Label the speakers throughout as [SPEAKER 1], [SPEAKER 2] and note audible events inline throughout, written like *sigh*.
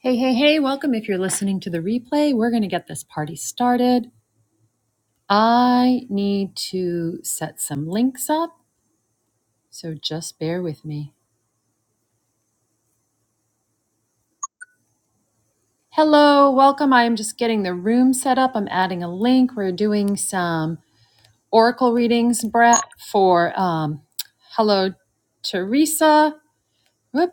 [SPEAKER 1] Hey, hey, hey, welcome. If you're listening to the replay, we're going to get this party started. I need to set some links up, so just bear with me. Hello, welcome. I am just getting the room set up. I'm adding a link. We're doing some oracle readings, Brett, for um, hello, Teresa. Whoop.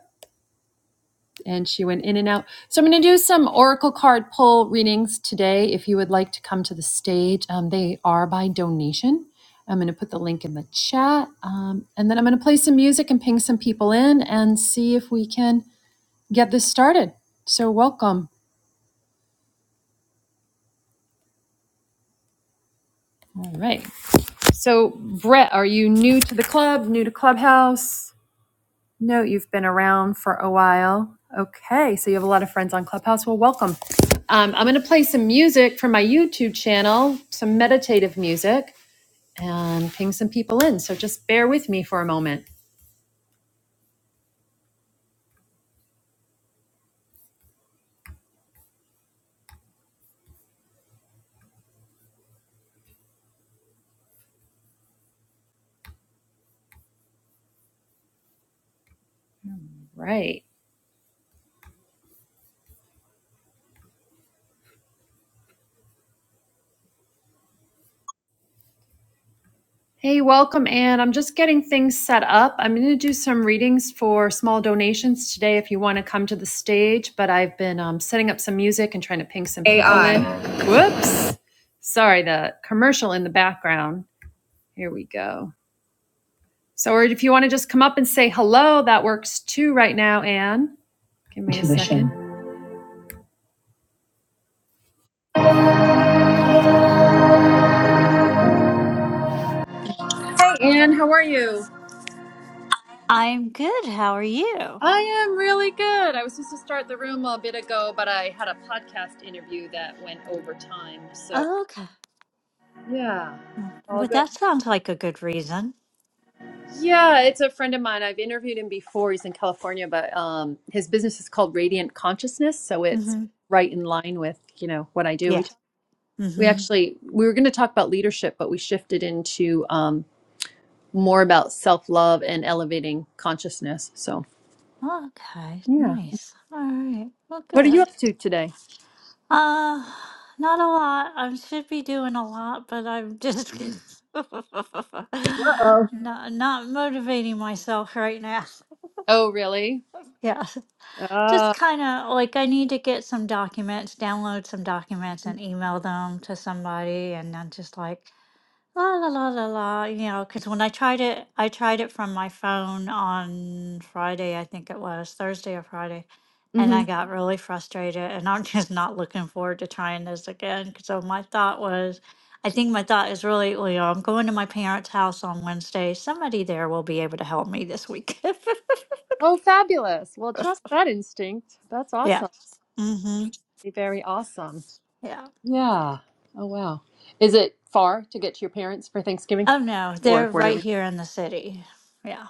[SPEAKER 1] and she went in and out. So I'm going to do some oracle card pull readings today. If you would like to come to the stage, um, they are by donation. I'm going to put the link in the chat, um, and then I'm going to play some music and ping some people in and see if we can get this started. So welcome. All right. So Brett, are you new to the club? New to Clubhouse? No, you've been around for a while. Okay, so you have a lot of friends on Clubhouse. Well, welcome. Um, I'm going to play some music from my YouTube channel, some meditative music, and ping some people in. So just bear with me for a moment. Right. Hey, welcome, Anne. I'm just getting things set up. I'm going to do some readings for small donations today if you want to come to the stage, but I've been um, setting up some music and trying to ping some people in. AI. Whoops. Sorry, the commercial in the background. Here we go. So, or if you want to just come up and say hello, that works too right now, Anne. Give me Tuition. a second. Thank you.
[SPEAKER 2] I'm good. How are you?
[SPEAKER 1] I am really good. I was supposed to start the room a bit ago, but I had a podcast interview that went over time. So,
[SPEAKER 2] Oh, okay.
[SPEAKER 1] yeah, all
[SPEAKER 2] Well,
[SPEAKER 1] good.
[SPEAKER 2] that sounds like a good reason.
[SPEAKER 1] Yeah, it's a friend of mine. I've interviewed him before. He's in California, but um, his business is called Radiant Consciousness. So it's
[SPEAKER 2] Mm-hmm.
[SPEAKER 1] right in line with, you know, what I do. We,
[SPEAKER 2] Yes.
[SPEAKER 1] talk, we
[SPEAKER 2] Mm-hmm.
[SPEAKER 1] actually, we were going to talk about leadership, but we shifted into um, more about self love and elevating consciousness. So,
[SPEAKER 2] Okay.
[SPEAKER 1] Yeah.
[SPEAKER 2] Nice. All right. Well,
[SPEAKER 1] what are you
[SPEAKER 2] good.
[SPEAKER 1] up to today?
[SPEAKER 2] Uh, not a lot. I should be doing a lot, but I'm just *laughs*
[SPEAKER 1] Uh-oh.
[SPEAKER 2] not not motivating myself right now. *laughs*
[SPEAKER 1] Oh, really?
[SPEAKER 2] Yeah. Just
[SPEAKER 1] Uh,
[SPEAKER 2] kind of like I need to get some documents, download some documents, and email them to somebody, and I'm just like. La la la la la, you know, because when I tried it, I tried it from my phone on Friday, I think it was, Thursday or Friday, and
[SPEAKER 1] hmm
[SPEAKER 2] I got really frustrated. And I'm *laughs* just not looking forward to trying this again. 'cause So my thought was, I think my thought is really, well, you know, I'm going to my parents' house on Wednesday. Somebody there will be able to help me this week. *laughs*
[SPEAKER 1] Oh, fabulous. Well, trust that instinct. That's
[SPEAKER 2] Yeah.
[SPEAKER 1] awesome.
[SPEAKER 2] Mm-hmm.
[SPEAKER 1] Very awesome.
[SPEAKER 2] Yeah.
[SPEAKER 1] Yeah. Oh, wow. Is it far to get to your parents for Thanksgiving
[SPEAKER 2] Oh no,
[SPEAKER 1] or
[SPEAKER 2] they're right
[SPEAKER 1] whatever?
[SPEAKER 2] here in the city. Yeah.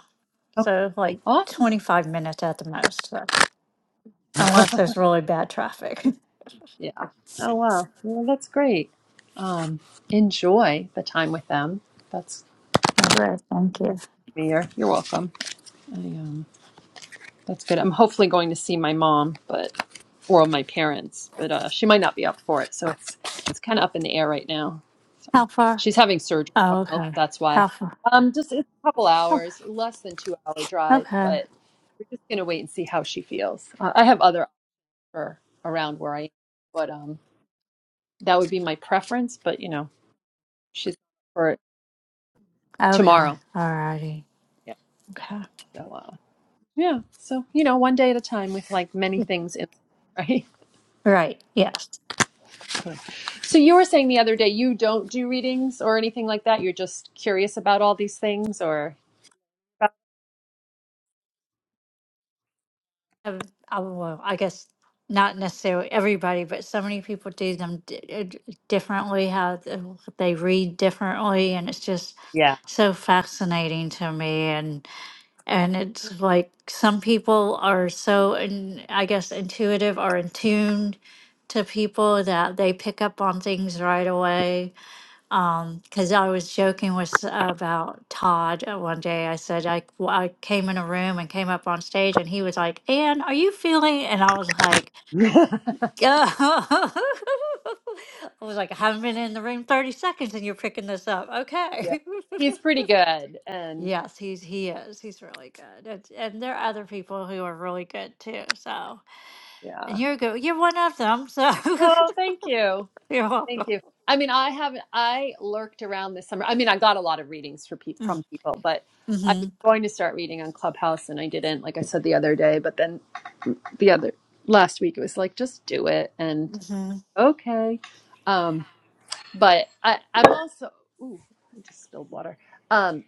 [SPEAKER 1] okay.
[SPEAKER 2] So like
[SPEAKER 1] Awesome.
[SPEAKER 2] 25 minutes at the most. Unless there's really bad traffic. *laughs*
[SPEAKER 1] Yeah. Oh, wow. Well, that's great. Um, enjoy the time with them. That's
[SPEAKER 2] All right, thank you.
[SPEAKER 1] me. you're, you're welcome. I, um, That's good. I'm hopefully going to see my mom, but or my parents, but uh, she might not be up for it. So it's it's kind of up in the air right now. So
[SPEAKER 2] How far?
[SPEAKER 1] she's having surgery.
[SPEAKER 2] Oh,
[SPEAKER 1] tomorrow.
[SPEAKER 2] okay.
[SPEAKER 1] that's why.
[SPEAKER 2] How far?
[SPEAKER 1] Um, just it's a couple
[SPEAKER 2] Oh,
[SPEAKER 1] hours, less than two hour drive,
[SPEAKER 2] okay.
[SPEAKER 1] but we're just gonna wait and see how she feels. Uh, I have other offer around where I am, but um, that would be my preference. But you know, she's for it
[SPEAKER 2] Okay.
[SPEAKER 1] tomorrow.
[SPEAKER 2] All righty.
[SPEAKER 1] Yeah.
[SPEAKER 2] Okay.
[SPEAKER 1] So uh, yeah. So you know, one day at a time with like many things in, *laughs* right?
[SPEAKER 2] Right. Yes.
[SPEAKER 1] So you were saying the other day you don't do readings or anything like that. You're just curious about all these things, or
[SPEAKER 2] Um, I, well, I guess not necessarily everybody, but so many people do them di- uh, d- differently, how th- they read differently. And it's just
[SPEAKER 1] Yeah.
[SPEAKER 2] so fascinating to me. And it's like some people are so, in, I guess, intuitive or in tuned to people that they pick up on things right away. Because I was joking with s- about Todd uh, one day. I said I, w- I came in a room and came up on stage, and he was like, "Anne, are you feeling?" And I was like,
[SPEAKER 1] *laughs*
[SPEAKER 2] *laughs* I was like, I haven't been in the room 30 seconds and you're picking this up.
[SPEAKER 1] yeah,
[SPEAKER 2] Okay.
[SPEAKER 1] he's pretty
[SPEAKER 2] *laughs*
[SPEAKER 1] good, and
[SPEAKER 2] Yes, he's he is. He's really good. And, and there are other people who are really good too. So, and
[SPEAKER 1] yeah.
[SPEAKER 2] you're good. You're one of them. So, *laughs*
[SPEAKER 1] Oh, thank you,
[SPEAKER 2] you're welcome.
[SPEAKER 1] thank you. I mean, I haven't. I lurked around this summer. I mean, I got a lot of readings for pe- from people, but I
[SPEAKER 2] Mm-hmm.
[SPEAKER 1] was going to start reading on Clubhouse, and I didn't. Like I said the other day, but then the other last week it was like just do it, and
[SPEAKER 2] Mm-hmm.
[SPEAKER 1] okay. Um, But I, I'm also, ooh, I just spilled water. Um,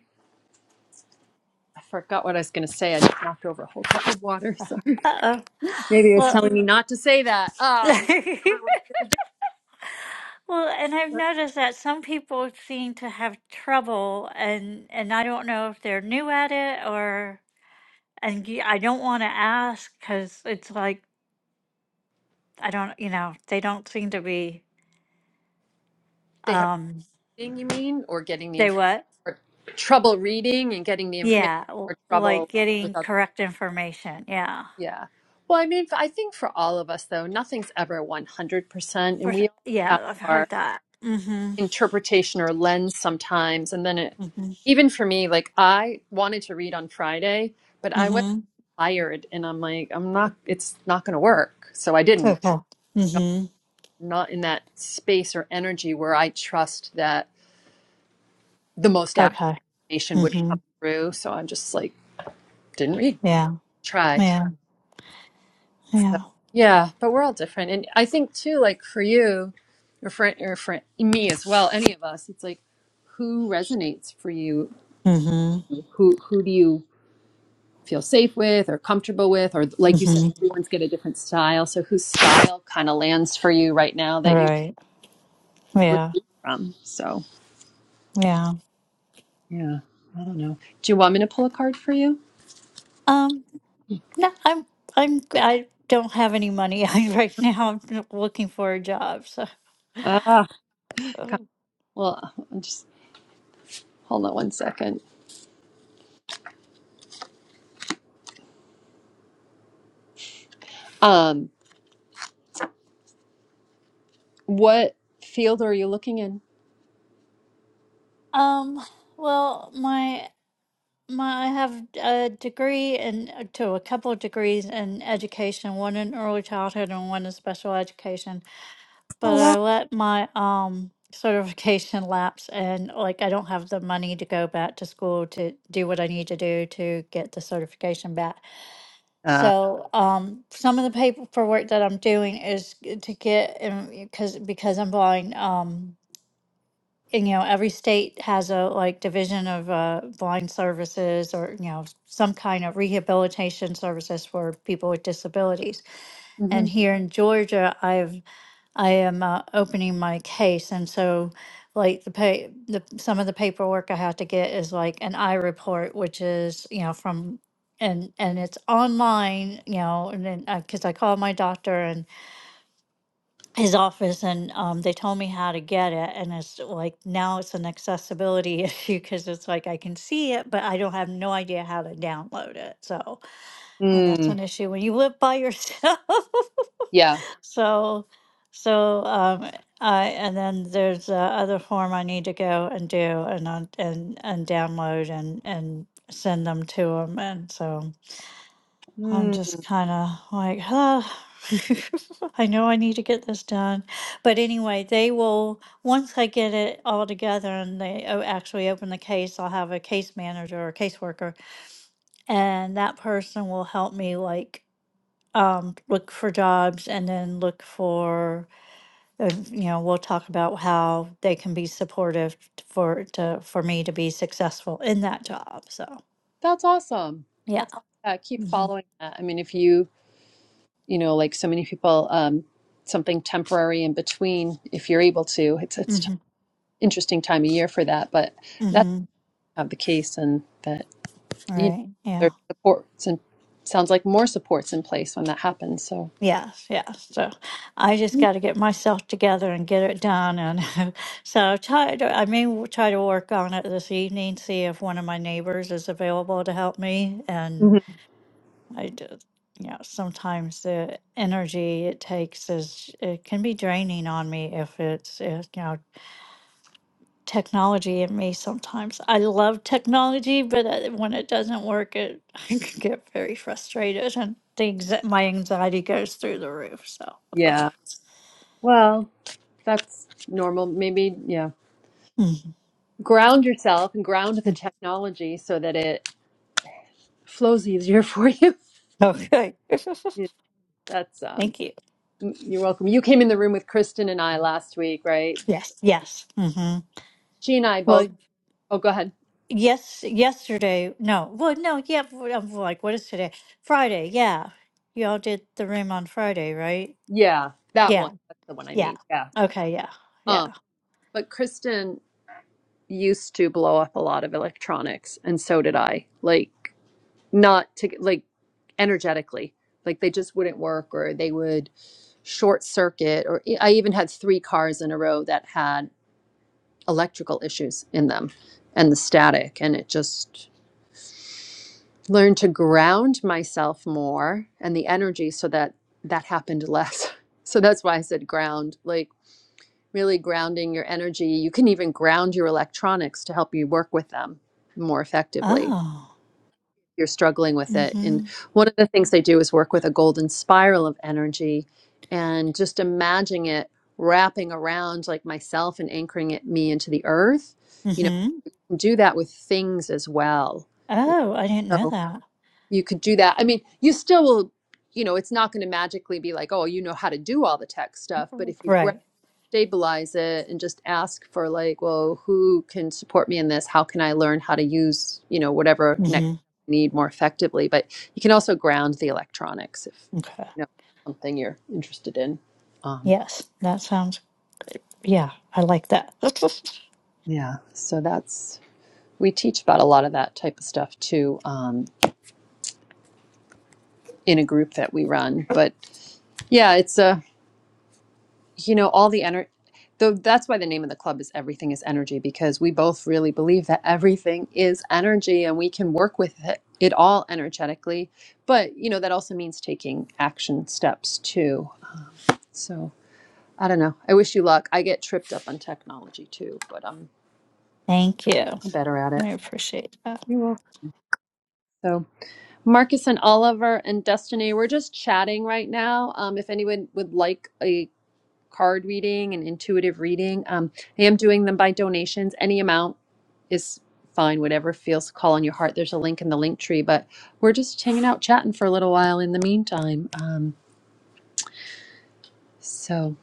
[SPEAKER 1] I forgot what I was going to say. I just knocked over a whole cup of water. *laughs* Sorry.
[SPEAKER 2] Uh-oh.
[SPEAKER 1] Maybe it was
[SPEAKER 2] Well,
[SPEAKER 1] telling me not to say that.
[SPEAKER 2] *laughs*
[SPEAKER 1] Um, everyone's been a bit-
[SPEAKER 2] well, and I've
[SPEAKER 1] but
[SPEAKER 2] noticed that some people seem to have trouble, and and I don't know if they're new at it or, and y- I don't want to ask because it's like I don't, you know, they don't seem to be.
[SPEAKER 1] they have
[SPEAKER 2] Um,
[SPEAKER 1] reading, you mean, or getting the
[SPEAKER 2] they
[SPEAKER 1] information,
[SPEAKER 2] what?
[SPEAKER 1] or trouble reading and getting the information,
[SPEAKER 2] Yeah,
[SPEAKER 1] or
[SPEAKER 2] l- like
[SPEAKER 1] trouble
[SPEAKER 2] getting
[SPEAKER 1] without,
[SPEAKER 2] correct information. Yeah.
[SPEAKER 1] yeah. Well, I mean, I think for all of us, though, nothing's ever 100%.
[SPEAKER 2] For
[SPEAKER 1] And
[SPEAKER 2] s-
[SPEAKER 1] we all have
[SPEAKER 2] Yeah, I've
[SPEAKER 1] our
[SPEAKER 2] heard that. Mhm.
[SPEAKER 1] interpretation or lens sometimes. And then it,
[SPEAKER 2] Mhm.
[SPEAKER 1] even for me, like I wanted to read on Friday, but I was
[SPEAKER 2] Mhm.
[SPEAKER 1] tired and I'm like, I'm not, it's not going to work. So I didn't.
[SPEAKER 2] Okay.
[SPEAKER 1] I'm
[SPEAKER 2] Mhm.
[SPEAKER 1] not in that space or energy where I trust that the most accurate
[SPEAKER 2] Okay.
[SPEAKER 1] information would come
[SPEAKER 2] Mhm.
[SPEAKER 1] through. So I'm just like, didn't read,
[SPEAKER 2] Yeah.
[SPEAKER 1] try.
[SPEAKER 2] Yeah.
[SPEAKER 1] So
[SPEAKER 2] Yeah.
[SPEAKER 1] yeah, but we're all different. And I think too, like for you, or for, or for me as well, any of us, it's like, who resonates for you?
[SPEAKER 2] Mhm.
[SPEAKER 1] Who who do you feel safe with or comfortable with or like you said
[SPEAKER 2] Mhm.
[SPEAKER 1] everyone's got a different style so whose style kind of lands for you right now
[SPEAKER 2] All
[SPEAKER 1] that you
[SPEAKER 2] right. Yeah.
[SPEAKER 1] receive from so
[SPEAKER 2] Yeah.
[SPEAKER 1] yeah i don't know do you want me to pull a card for you
[SPEAKER 2] Um no, I'm I'm I don't have any money *laughs* right now. I'm looking for a job. So
[SPEAKER 1] ah God. well just hold on one second um what field are you looking in
[SPEAKER 2] um well, my My, I have a degree and to a couple of degrees in education, one in early childhood and one in special education.
[SPEAKER 1] oh
[SPEAKER 2] But I
[SPEAKER 1] wow
[SPEAKER 2] let my um *laughs* certification lapse and like I don't have the money to go back to school to do what I need to do to get the certification back.
[SPEAKER 1] uh,
[SPEAKER 2] So um some of the paperwork that I'm doing is to get because because I'm blind um and, you know, every state has a like division of uh, blind services or, you know, some kind of rehabilitation services for people with disabilities. And
[SPEAKER 1] mm-hmm.
[SPEAKER 2] here in Georgia, I've I am uh, opening my case, and so like the pay the some of the paperwork I have to get is like an eye report, which is you know from and and it's online, you know, and then because I called my doctor and his office and um, they told me how to get it and it's like now it's an accessibility *laughs* issue because it's like i can see it but i don't have no idea how to download it so and that's
[SPEAKER 1] mm,
[SPEAKER 2] an issue when you live by yourself
[SPEAKER 1] yeah
[SPEAKER 2] *laughs* so so um i and then there's uh, other form i need to go and do and on and and download and and send them to him and so I'm
[SPEAKER 1] mm,
[SPEAKER 2] just kind of like, huh. *laughs* I know I need to get this done. But anyway, they will, once I get it all together and they o- actually open the case, I'll have a case manager or caseworker, and that person will help me like um, look for jobs and then look for, uh, you know, we'll talk about how they can be supportive t- for to for me to be successful in that job. So
[SPEAKER 1] that's awesome
[SPEAKER 2] yeah.
[SPEAKER 1] that's aw- yeah keep
[SPEAKER 2] Mm-hmm.
[SPEAKER 1] following that i mean if you you know, like so many people, um, something temporary in between if you're able to. It's it's t-
[SPEAKER 2] Mm-hmm.
[SPEAKER 1] interesting time of year for that, but that's
[SPEAKER 2] Mm-hmm.
[SPEAKER 1] not the case, and that you know
[SPEAKER 2] Right. Yeah.
[SPEAKER 1] there's supports and sounds like more supports in place when that happens. So
[SPEAKER 2] Yes, yes. So I just got to get myself together and get it done. And *laughs* so try to, I may w- try to work on it this evening, see if one of my neighbors is available to help me. And
[SPEAKER 1] Mhm.
[SPEAKER 2] I did, you know, sometimes the energy it takes is, it can be draining on me if it's, if, you know, technology in me sometimes. I love technology, but uh, when it doesn't work, it *laughs* I can get very frustrated and things my anxiety goes through the roof. So,
[SPEAKER 1] yeah,
[SPEAKER 2] *laughs*
[SPEAKER 1] well, that's normal. Maybe yeah,
[SPEAKER 2] Mhm.
[SPEAKER 1] ground yourself and ground the technology so that it flows easier *laughs* for you.
[SPEAKER 2] okay, *laughs*
[SPEAKER 1] you that's um,
[SPEAKER 2] thank you.
[SPEAKER 1] you're welcome. You came in the room with Kristen and I last week, right?
[SPEAKER 2] Yes, yes. hmm
[SPEAKER 1] She and I
[SPEAKER 2] Well,
[SPEAKER 1] both. Oh, go ahead.
[SPEAKER 2] yes, yesterday. No, well, no, yeah. w- I'm like, what is today? Friday. Yeah, y'all did the room on Friday, right?
[SPEAKER 1] Yeah, that one.
[SPEAKER 2] Yeah,
[SPEAKER 1] That's the one I
[SPEAKER 2] yeah.
[SPEAKER 1] mean. Yeah.
[SPEAKER 2] Okay, yeah,
[SPEAKER 1] Um,
[SPEAKER 2] yeah.
[SPEAKER 1] but Kristen used to blow up a lot of electronics, and so did I. Like, not to like energetically, like they just wouldn't work, or they would short circuit. Or e, I even had three cars in a row that had electrical issues in them, and the static, and it just learned to ground myself more and the energy so that that happened less. *laughs* So that's why I said ground, like really grounding your energy. You can even ground your electronics to help you work with them more effectively. if
[SPEAKER 2] Oh.
[SPEAKER 1] You're struggling with it. And
[SPEAKER 2] Mm-hmm.
[SPEAKER 1] one of the things they do is work with a golden spiral of energy and just imagine it wrapping around like myself and anchoring it me into the earth. You know,
[SPEAKER 2] Mm-hmm.
[SPEAKER 1] you can do that with things as well.
[SPEAKER 2] Oh, I didn't know
[SPEAKER 1] So
[SPEAKER 2] that.
[SPEAKER 1] you could do that. I mean, you still will, you know, it's not going to magically be like, oh, you know how to do all the tech stuff. But if you
[SPEAKER 2] Right.
[SPEAKER 1] stabilize it and just ask for like well who can support me in this how can i learn how to use you know whatever next
[SPEAKER 2] hmm
[SPEAKER 1] I need more effectively but you can also ground the electronics if
[SPEAKER 2] Okay.
[SPEAKER 1] you know something you're interested in um,
[SPEAKER 2] Yes, that sounds, yeah, I like that. *laughs*
[SPEAKER 1] yeah so that's we teach about a lot of that type of stuff too um, in a group that we run but yeah it's a you know all the energy though that's why the name of the club is everything is energy because we both really believe that everything is energy and we can work with it, it all energetically but you know that also means taking action steps too so i don't know i wish you luck i get tripped up on technology too but um,
[SPEAKER 2] Thank you.
[SPEAKER 1] i'm better at it
[SPEAKER 2] I appreciate that.
[SPEAKER 1] so marcus and oliver and destiny we're just chatting right now um, if anyone would like a card reading and intuitive reading. Um, I am doing them by donations. Any amount is fine, whatever feels call on your heart. There's a link in the link tree, but we're just hanging out chatting for a little while in the meantime. Um, so.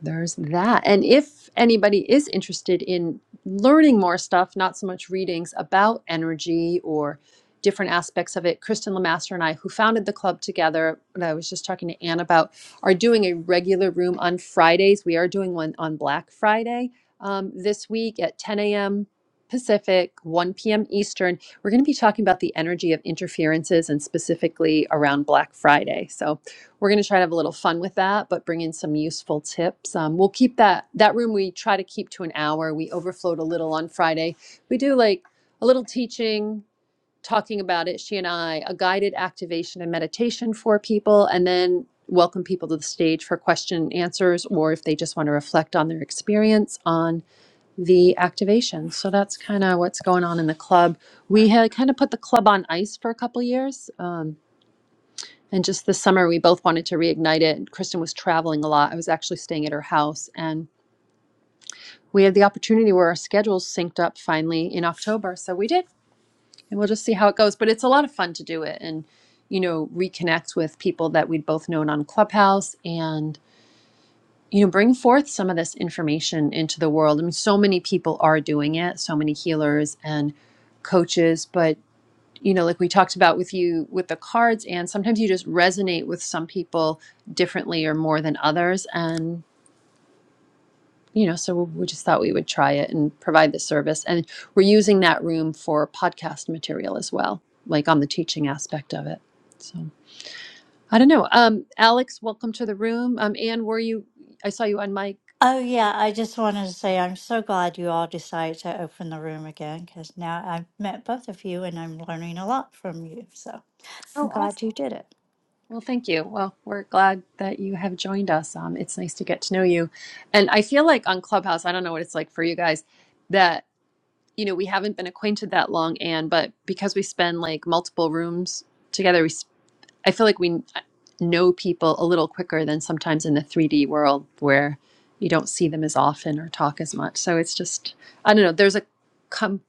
[SPEAKER 1] There's that. And if anybody is interested in learning more stuff, not so much readings about energy or different aspects of it, Kristen Lamaster and I, who founded the club together, and I was just talking to Anne about, are doing a regular room on Fridays. We are doing one on Black Friday um, this week at 10 a.m. Pacific, 1 p.m. Eastern. We're going to be talking about the energy of interferences and specifically around Black Friday. So we're going to try to have a little fun with that but bring in some useful tips um, we'll keep that that room we try to keep to an hour we overflowed a little on friday we do like a little teaching talking about it she and i a guided activation and meditation for people and then welcome people to the stage for question and answers or if they just want to reflect on their experience on the activation so that's kind of what's going on in the club we had kind of put the club on ice for a couple years. Um, and just this summer, we both wanted to reignite it. Kristen was traveling a lot. I was actually staying at her house, and we had the opportunity where our schedules synced up finally in October. So we did, and we'll just see how it goes. But it's a lot of fun to do it and, you know, reconnect with people that we'd both known on Clubhouse and, you know, bring forth some of this information into the world. I mean, so many people are doing it, so many healers and coaches, but you know, like we talked about with you with the cards, and sometimes you just resonate with some people differently or more than others. And, you know, so we just thought we would try it and provide the service. And we're using that room for podcast material as well, like on the teaching aspect of it. So I don't know. Um, Alex, welcome to the room. Um, Anne, were you, I saw you on mic.
[SPEAKER 2] Oh, yeah, I just wanted to say I'm so glad you all decided to open the room again because now I've met both of you and I'm learning a lot from you. So
[SPEAKER 1] Oh,
[SPEAKER 2] I'm
[SPEAKER 1] awesome.
[SPEAKER 2] glad you did it.
[SPEAKER 1] Well, thank you. Well, we're glad that you have joined us. Um, it's nice to get to know you. And I feel like on Clubhouse, I don't know what it's like for you guys, that you know, we haven't been acquainted that long, Anne, but because we spend like multiple rooms together, we s- I feel like we know people a little quicker than sometimes in the 3D world where you don't see them as often or talk as much. So it's just I don't know, there's a com-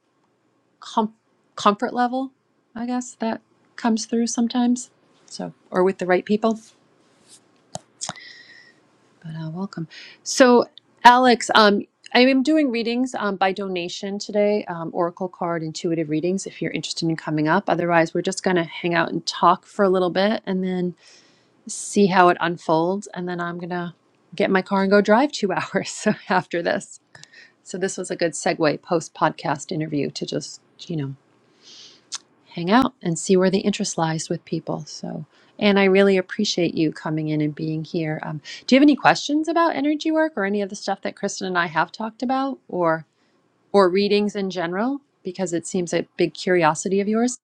[SPEAKER 1] com- comfort level, I guess, that comes through sometimes. So, or with the right people. but uh, welcome. So, Alex, um, I am doing readings um, by donation today, um, Oracle card, intuitive readings, if you're interested in coming up. Otherwise, we're just going to hang out and talk for a little bit and then see how it unfolds. And then I'm going to get in my car and go drive two hours *laughs* after this. So, this was a good segue post podcast interview to just, you know hang out and see where the interest lies with people. So, and I really appreciate you coming in and being here. Um, do you have any questions about energy work or any of the stuff that Kristen and I have talked about, or or readings in general? Because it seems a big curiosity of yours.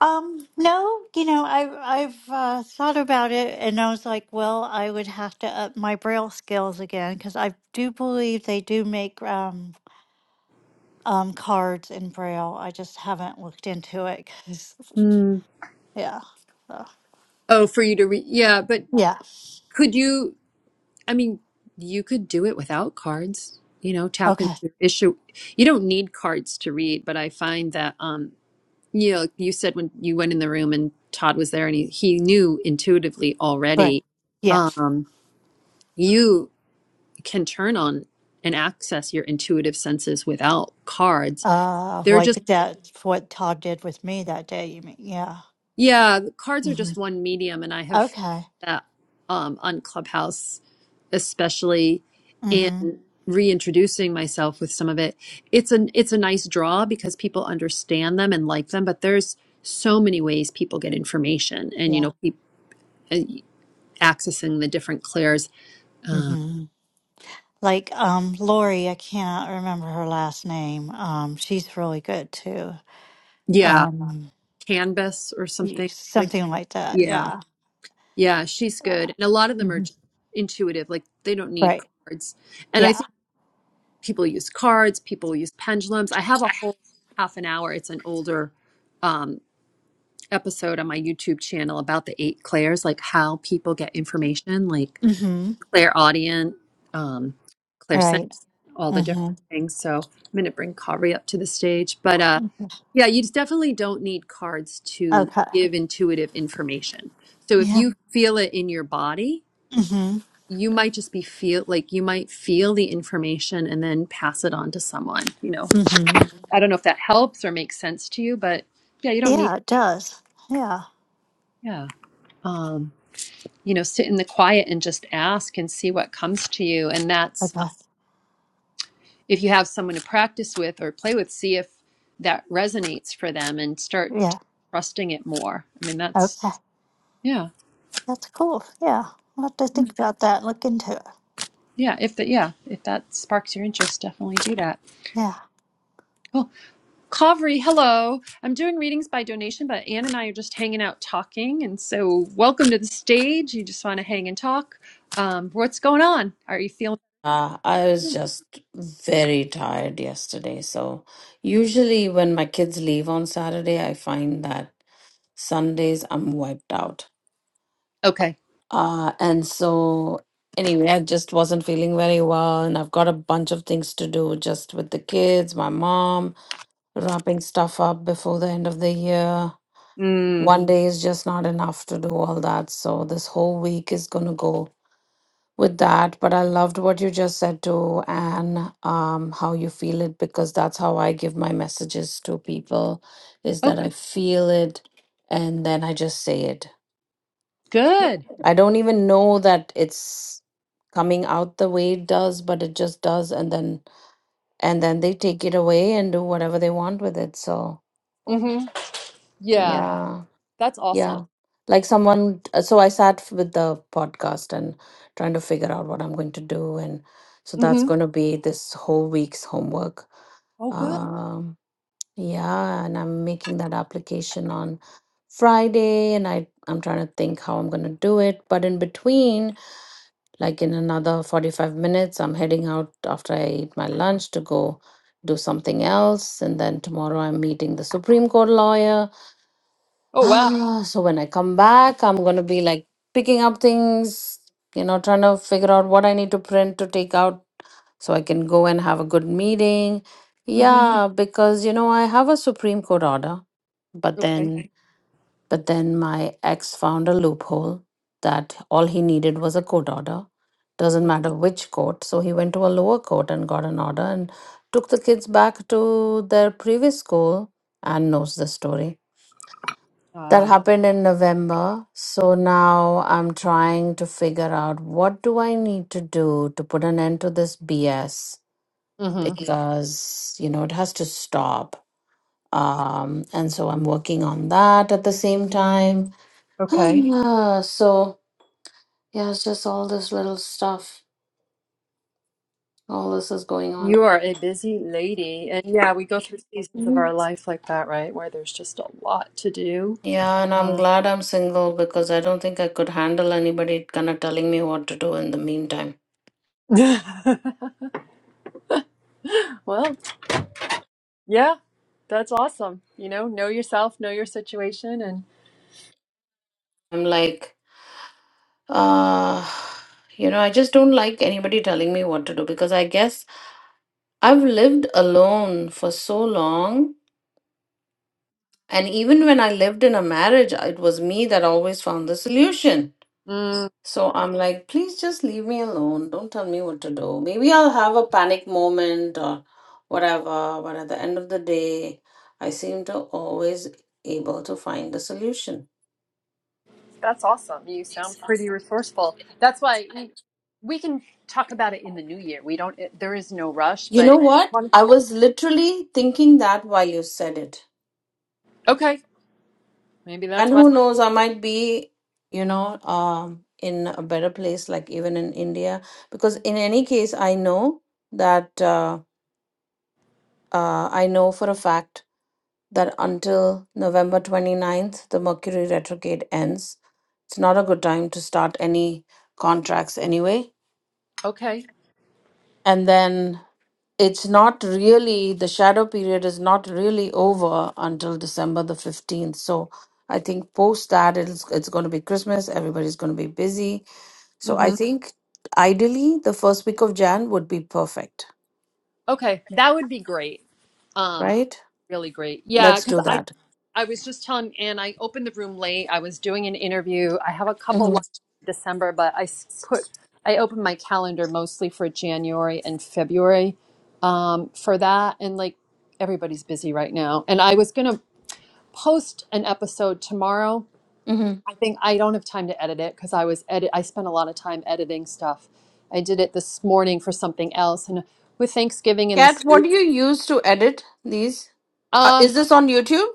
[SPEAKER 2] Um, no, you know, I, I've uh, thought about it and I was like, well, I would have to up my Braille skills again because I do believe they do make. Um, um, cards in Braille. I just haven't looked into it 'cause- *laughs*
[SPEAKER 1] Hmm.
[SPEAKER 2] yeah, so,
[SPEAKER 1] Oh, for you to read. Yeah, but
[SPEAKER 2] yeah.
[SPEAKER 1] could you? I mean, you could do it without cards. You know, tap into
[SPEAKER 2] Okay,
[SPEAKER 1] your issue. You don't need cards to read, but I find that. um, You know, you said when you went in the room and Todd was there and he, he knew intuitively
[SPEAKER 2] great.
[SPEAKER 1] already,
[SPEAKER 2] Yes,
[SPEAKER 1] um, you can turn on and access your intuitive senses without cards.
[SPEAKER 2] uh,
[SPEAKER 1] They're
[SPEAKER 2] like
[SPEAKER 1] just,
[SPEAKER 2] that. What Todd did with me that day. You mean? Yeah.
[SPEAKER 1] yeah, the cards are
[SPEAKER 2] hmm
[SPEAKER 1] just one medium. And I have found
[SPEAKER 2] Okay.
[SPEAKER 1] that um, on Clubhouse, especially in
[SPEAKER 2] hmm
[SPEAKER 1] reintroducing myself with some of it, it's an it's a nice draw because people understand them and like them, but there's so many ways people get information and you
[SPEAKER 2] Yeah.
[SPEAKER 1] know people accessing the different clairs, Uh,
[SPEAKER 2] hmm Like um, Lori, I can't remember her last name. Um, she's really good too.
[SPEAKER 1] yeah,
[SPEAKER 2] Um,
[SPEAKER 1] Canvas or
[SPEAKER 2] y-
[SPEAKER 1] something like.
[SPEAKER 2] something like that.
[SPEAKER 1] Yeah,
[SPEAKER 2] Yeah.
[SPEAKER 1] yeah, she's good, and a lot of them are
[SPEAKER 2] hmm
[SPEAKER 1] just intuitive. Like they don't need
[SPEAKER 2] Right.
[SPEAKER 1] cards, and I
[SPEAKER 2] Yeah.
[SPEAKER 1] think people use cards, people use pendulums. I have a whole half an hour. It's an older um, episode on my YouTube channel about the eight clairs, like how people get information, like
[SPEAKER 2] hmm
[SPEAKER 1] clairaudient, um, clairsentient.
[SPEAKER 2] Right.
[SPEAKER 1] all the different
[SPEAKER 2] hmm
[SPEAKER 1] things. So I'm going to bring Kari up to the stage. But uh, yeah, you definitely don't need cards to
[SPEAKER 2] Okay.
[SPEAKER 1] give intuitive information. So if
[SPEAKER 2] Yeah.
[SPEAKER 1] you feel it in your body,
[SPEAKER 2] Mm-hmm.
[SPEAKER 1] you might just be feel like you might feel the information and then pass it on to someone. You know,
[SPEAKER 2] Mm-hmm.
[SPEAKER 1] I don't know if that helps or makes sense to you, but yeah, you don't need
[SPEAKER 2] Yeah, it does. Yeah.
[SPEAKER 1] yeah. Um, you know, sit in the quiet and just ask and see what comes to you, and that's
[SPEAKER 2] Okay.
[SPEAKER 1] if you have someone to practice with or play with, see if that resonates for them and start
[SPEAKER 2] Yeah.
[SPEAKER 1] trusting it more. I mean, that's
[SPEAKER 2] Okay.
[SPEAKER 1] yeah,
[SPEAKER 2] That's cool. Yeah. I'll have to think about that and look into it.
[SPEAKER 1] yeah. If that, yeah, if that sparks your interest, definitely do that.
[SPEAKER 2] Yeah.
[SPEAKER 1] Cool. Kavri, hello. I'm doing readings by donation, but Anne and I are just hanging out talking, and so welcome to the stage. You just want to hang and talk. Um, what's going on? Are you feeling
[SPEAKER 3] Uh, I was just very tired yesterday. So, usually when my kids leave on Saturday, I find that Sundays I'm wiped out.
[SPEAKER 1] okay?
[SPEAKER 3] Uh, and so, anyway, I just wasn't feeling very well. And I've got a bunch of things to do just with the kids, my mom, wrapping stuff up before the end of the year.
[SPEAKER 1] Mm.
[SPEAKER 3] One day is just not enough to do all that. So, this whole week is going to go with that, but I loved what you just said too, and um, how you feel it because that's how I give my messages to people is
[SPEAKER 1] Oh,
[SPEAKER 3] that I feel it and then I just say it.
[SPEAKER 1] good.
[SPEAKER 3] I don't even know that it's coming out the way it does, but it just does, and then and then they take it away and do whatever they want with it. So
[SPEAKER 1] Mm-hmm. Yeah,
[SPEAKER 3] yeah.
[SPEAKER 1] that's awesome.
[SPEAKER 3] Yeah. Like someone, uh, so I sat with the podcast and trying to figure out what I'm going to do. And so that's
[SPEAKER 1] Mm-hmm.
[SPEAKER 3] going to be this whole week's homework.
[SPEAKER 1] Oh, good.
[SPEAKER 3] Um, yeah. And I'm making that application on Friday and I, I'm trying to think how I'm going to do it. But in between, like in another 45 minutes, I'm heading out after I eat my lunch to go do something else. And then tomorrow, I'm meeting the Supreme Court lawyer. *sighs*
[SPEAKER 1] Oh, wow.
[SPEAKER 3] Ah, so when I come back, I'm going to be like picking up things, you know, trying to figure out what I need to print to take out so I can go and have a good meeting. Mhm.
[SPEAKER 1] Mm-hmm.
[SPEAKER 3] Yeah, because, you know, I have a Supreme Court order, but
[SPEAKER 1] Okay.
[SPEAKER 3] then but then my ex found a loophole that all he needed was a court order. Doesn't matter which court. So he went to a lower court and got an order and took the kids back to their previous school and knows the story. That
[SPEAKER 1] Uh,
[SPEAKER 3] happened in November. So now I'm trying to figure out what do I need to do to put an end to this BS
[SPEAKER 1] hmm
[SPEAKER 3] because, you know, it has to stop um and so i'm working on that at the same time *sighs*
[SPEAKER 1] Okay.
[SPEAKER 3] yeah, so yeah, it's just all this little stuff. All this is going on.
[SPEAKER 1] You are a busy lady. And yeah, we go through seasons of our
[SPEAKER 3] Mhm.
[SPEAKER 1] life like that, right? Where there's just a lot to do.
[SPEAKER 3] Yeah, and I'm
[SPEAKER 1] Uh,
[SPEAKER 3] glad I'm single because I don't think I could handle anybody kind of telling me what to do in the meantime.
[SPEAKER 1] *laughs* well, yeah, that's awesome. You know, know yourself, know your situation, and
[SPEAKER 3] I'm like, uh, you know, I just don't like anybody telling me what to do because I guess I've lived alone for so long. And even when I lived in a marriage, it was me that always found the solution.
[SPEAKER 1] mm,
[SPEAKER 3] So I'm like, please just leave me alone. Don't tell me what to do. Maybe I'll have a panic moment or whatever, but at the end of the day, I seem to always able to find a solution.
[SPEAKER 1] that's awesome. You sound pretty resourceful. That's why you, we can talk about it in the new year. We don't, it, there is no rush,
[SPEAKER 3] You
[SPEAKER 1] but
[SPEAKER 3] know what? I was literally thinking that while you said it.
[SPEAKER 1] okay. Maybe
[SPEAKER 3] And
[SPEAKER 1] that's why.
[SPEAKER 3] who knows, I might be, you know, um, in a better place, like even in India, because in any case, I know that. uh, Uh, I know for a fact that until November 29th, the Mercury retrograde ends. It's not a good time to start any contracts anyway.
[SPEAKER 1] Okay.
[SPEAKER 3] And then it's not really, the shadow period is not really over until December the 15th. So I think post that, it's, it's going to be Christmas. Everybody's going to be busy. So I think ideally, the first week of Jan would be perfect,
[SPEAKER 1] Okay, that would be great. Um,
[SPEAKER 3] right?
[SPEAKER 1] really great. Yeah,
[SPEAKER 3] Let's
[SPEAKER 1] because
[SPEAKER 3] do
[SPEAKER 1] I
[SPEAKER 3] that.
[SPEAKER 1] I was just telling, and I opened the room late. I was doing an interview. I have a couple lined up
[SPEAKER 3] Mm-hmm.
[SPEAKER 1] in December, but I s- put I opened my calendar mostly for January and February um, for that, and like everybody's busy right now. And I was gonna post an episode tomorrow. I think I don't have time to edit it because I was edit. I spent a lot of time editing stuff. I did it this morning for something else, and with Thanksgiving in the
[SPEAKER 3] Kat, what do you use to edit these? Uh,
[SPEAKER 1] Um,
[SPEAKER 3] is this on YouTube?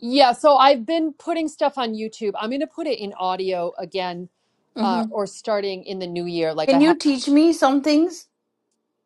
[SPEAKER 1] yeah, so I've been putting stuff on YouTube. I'm going to put it in audio again uh,
[SPEAKER 3] Mm-hmm.
[SPEAKER 1] or starting in the new year. Like I
[SPEAKER 3] Can
[SPEAKER 1] have.
[SPEAKER 3] you teach me some things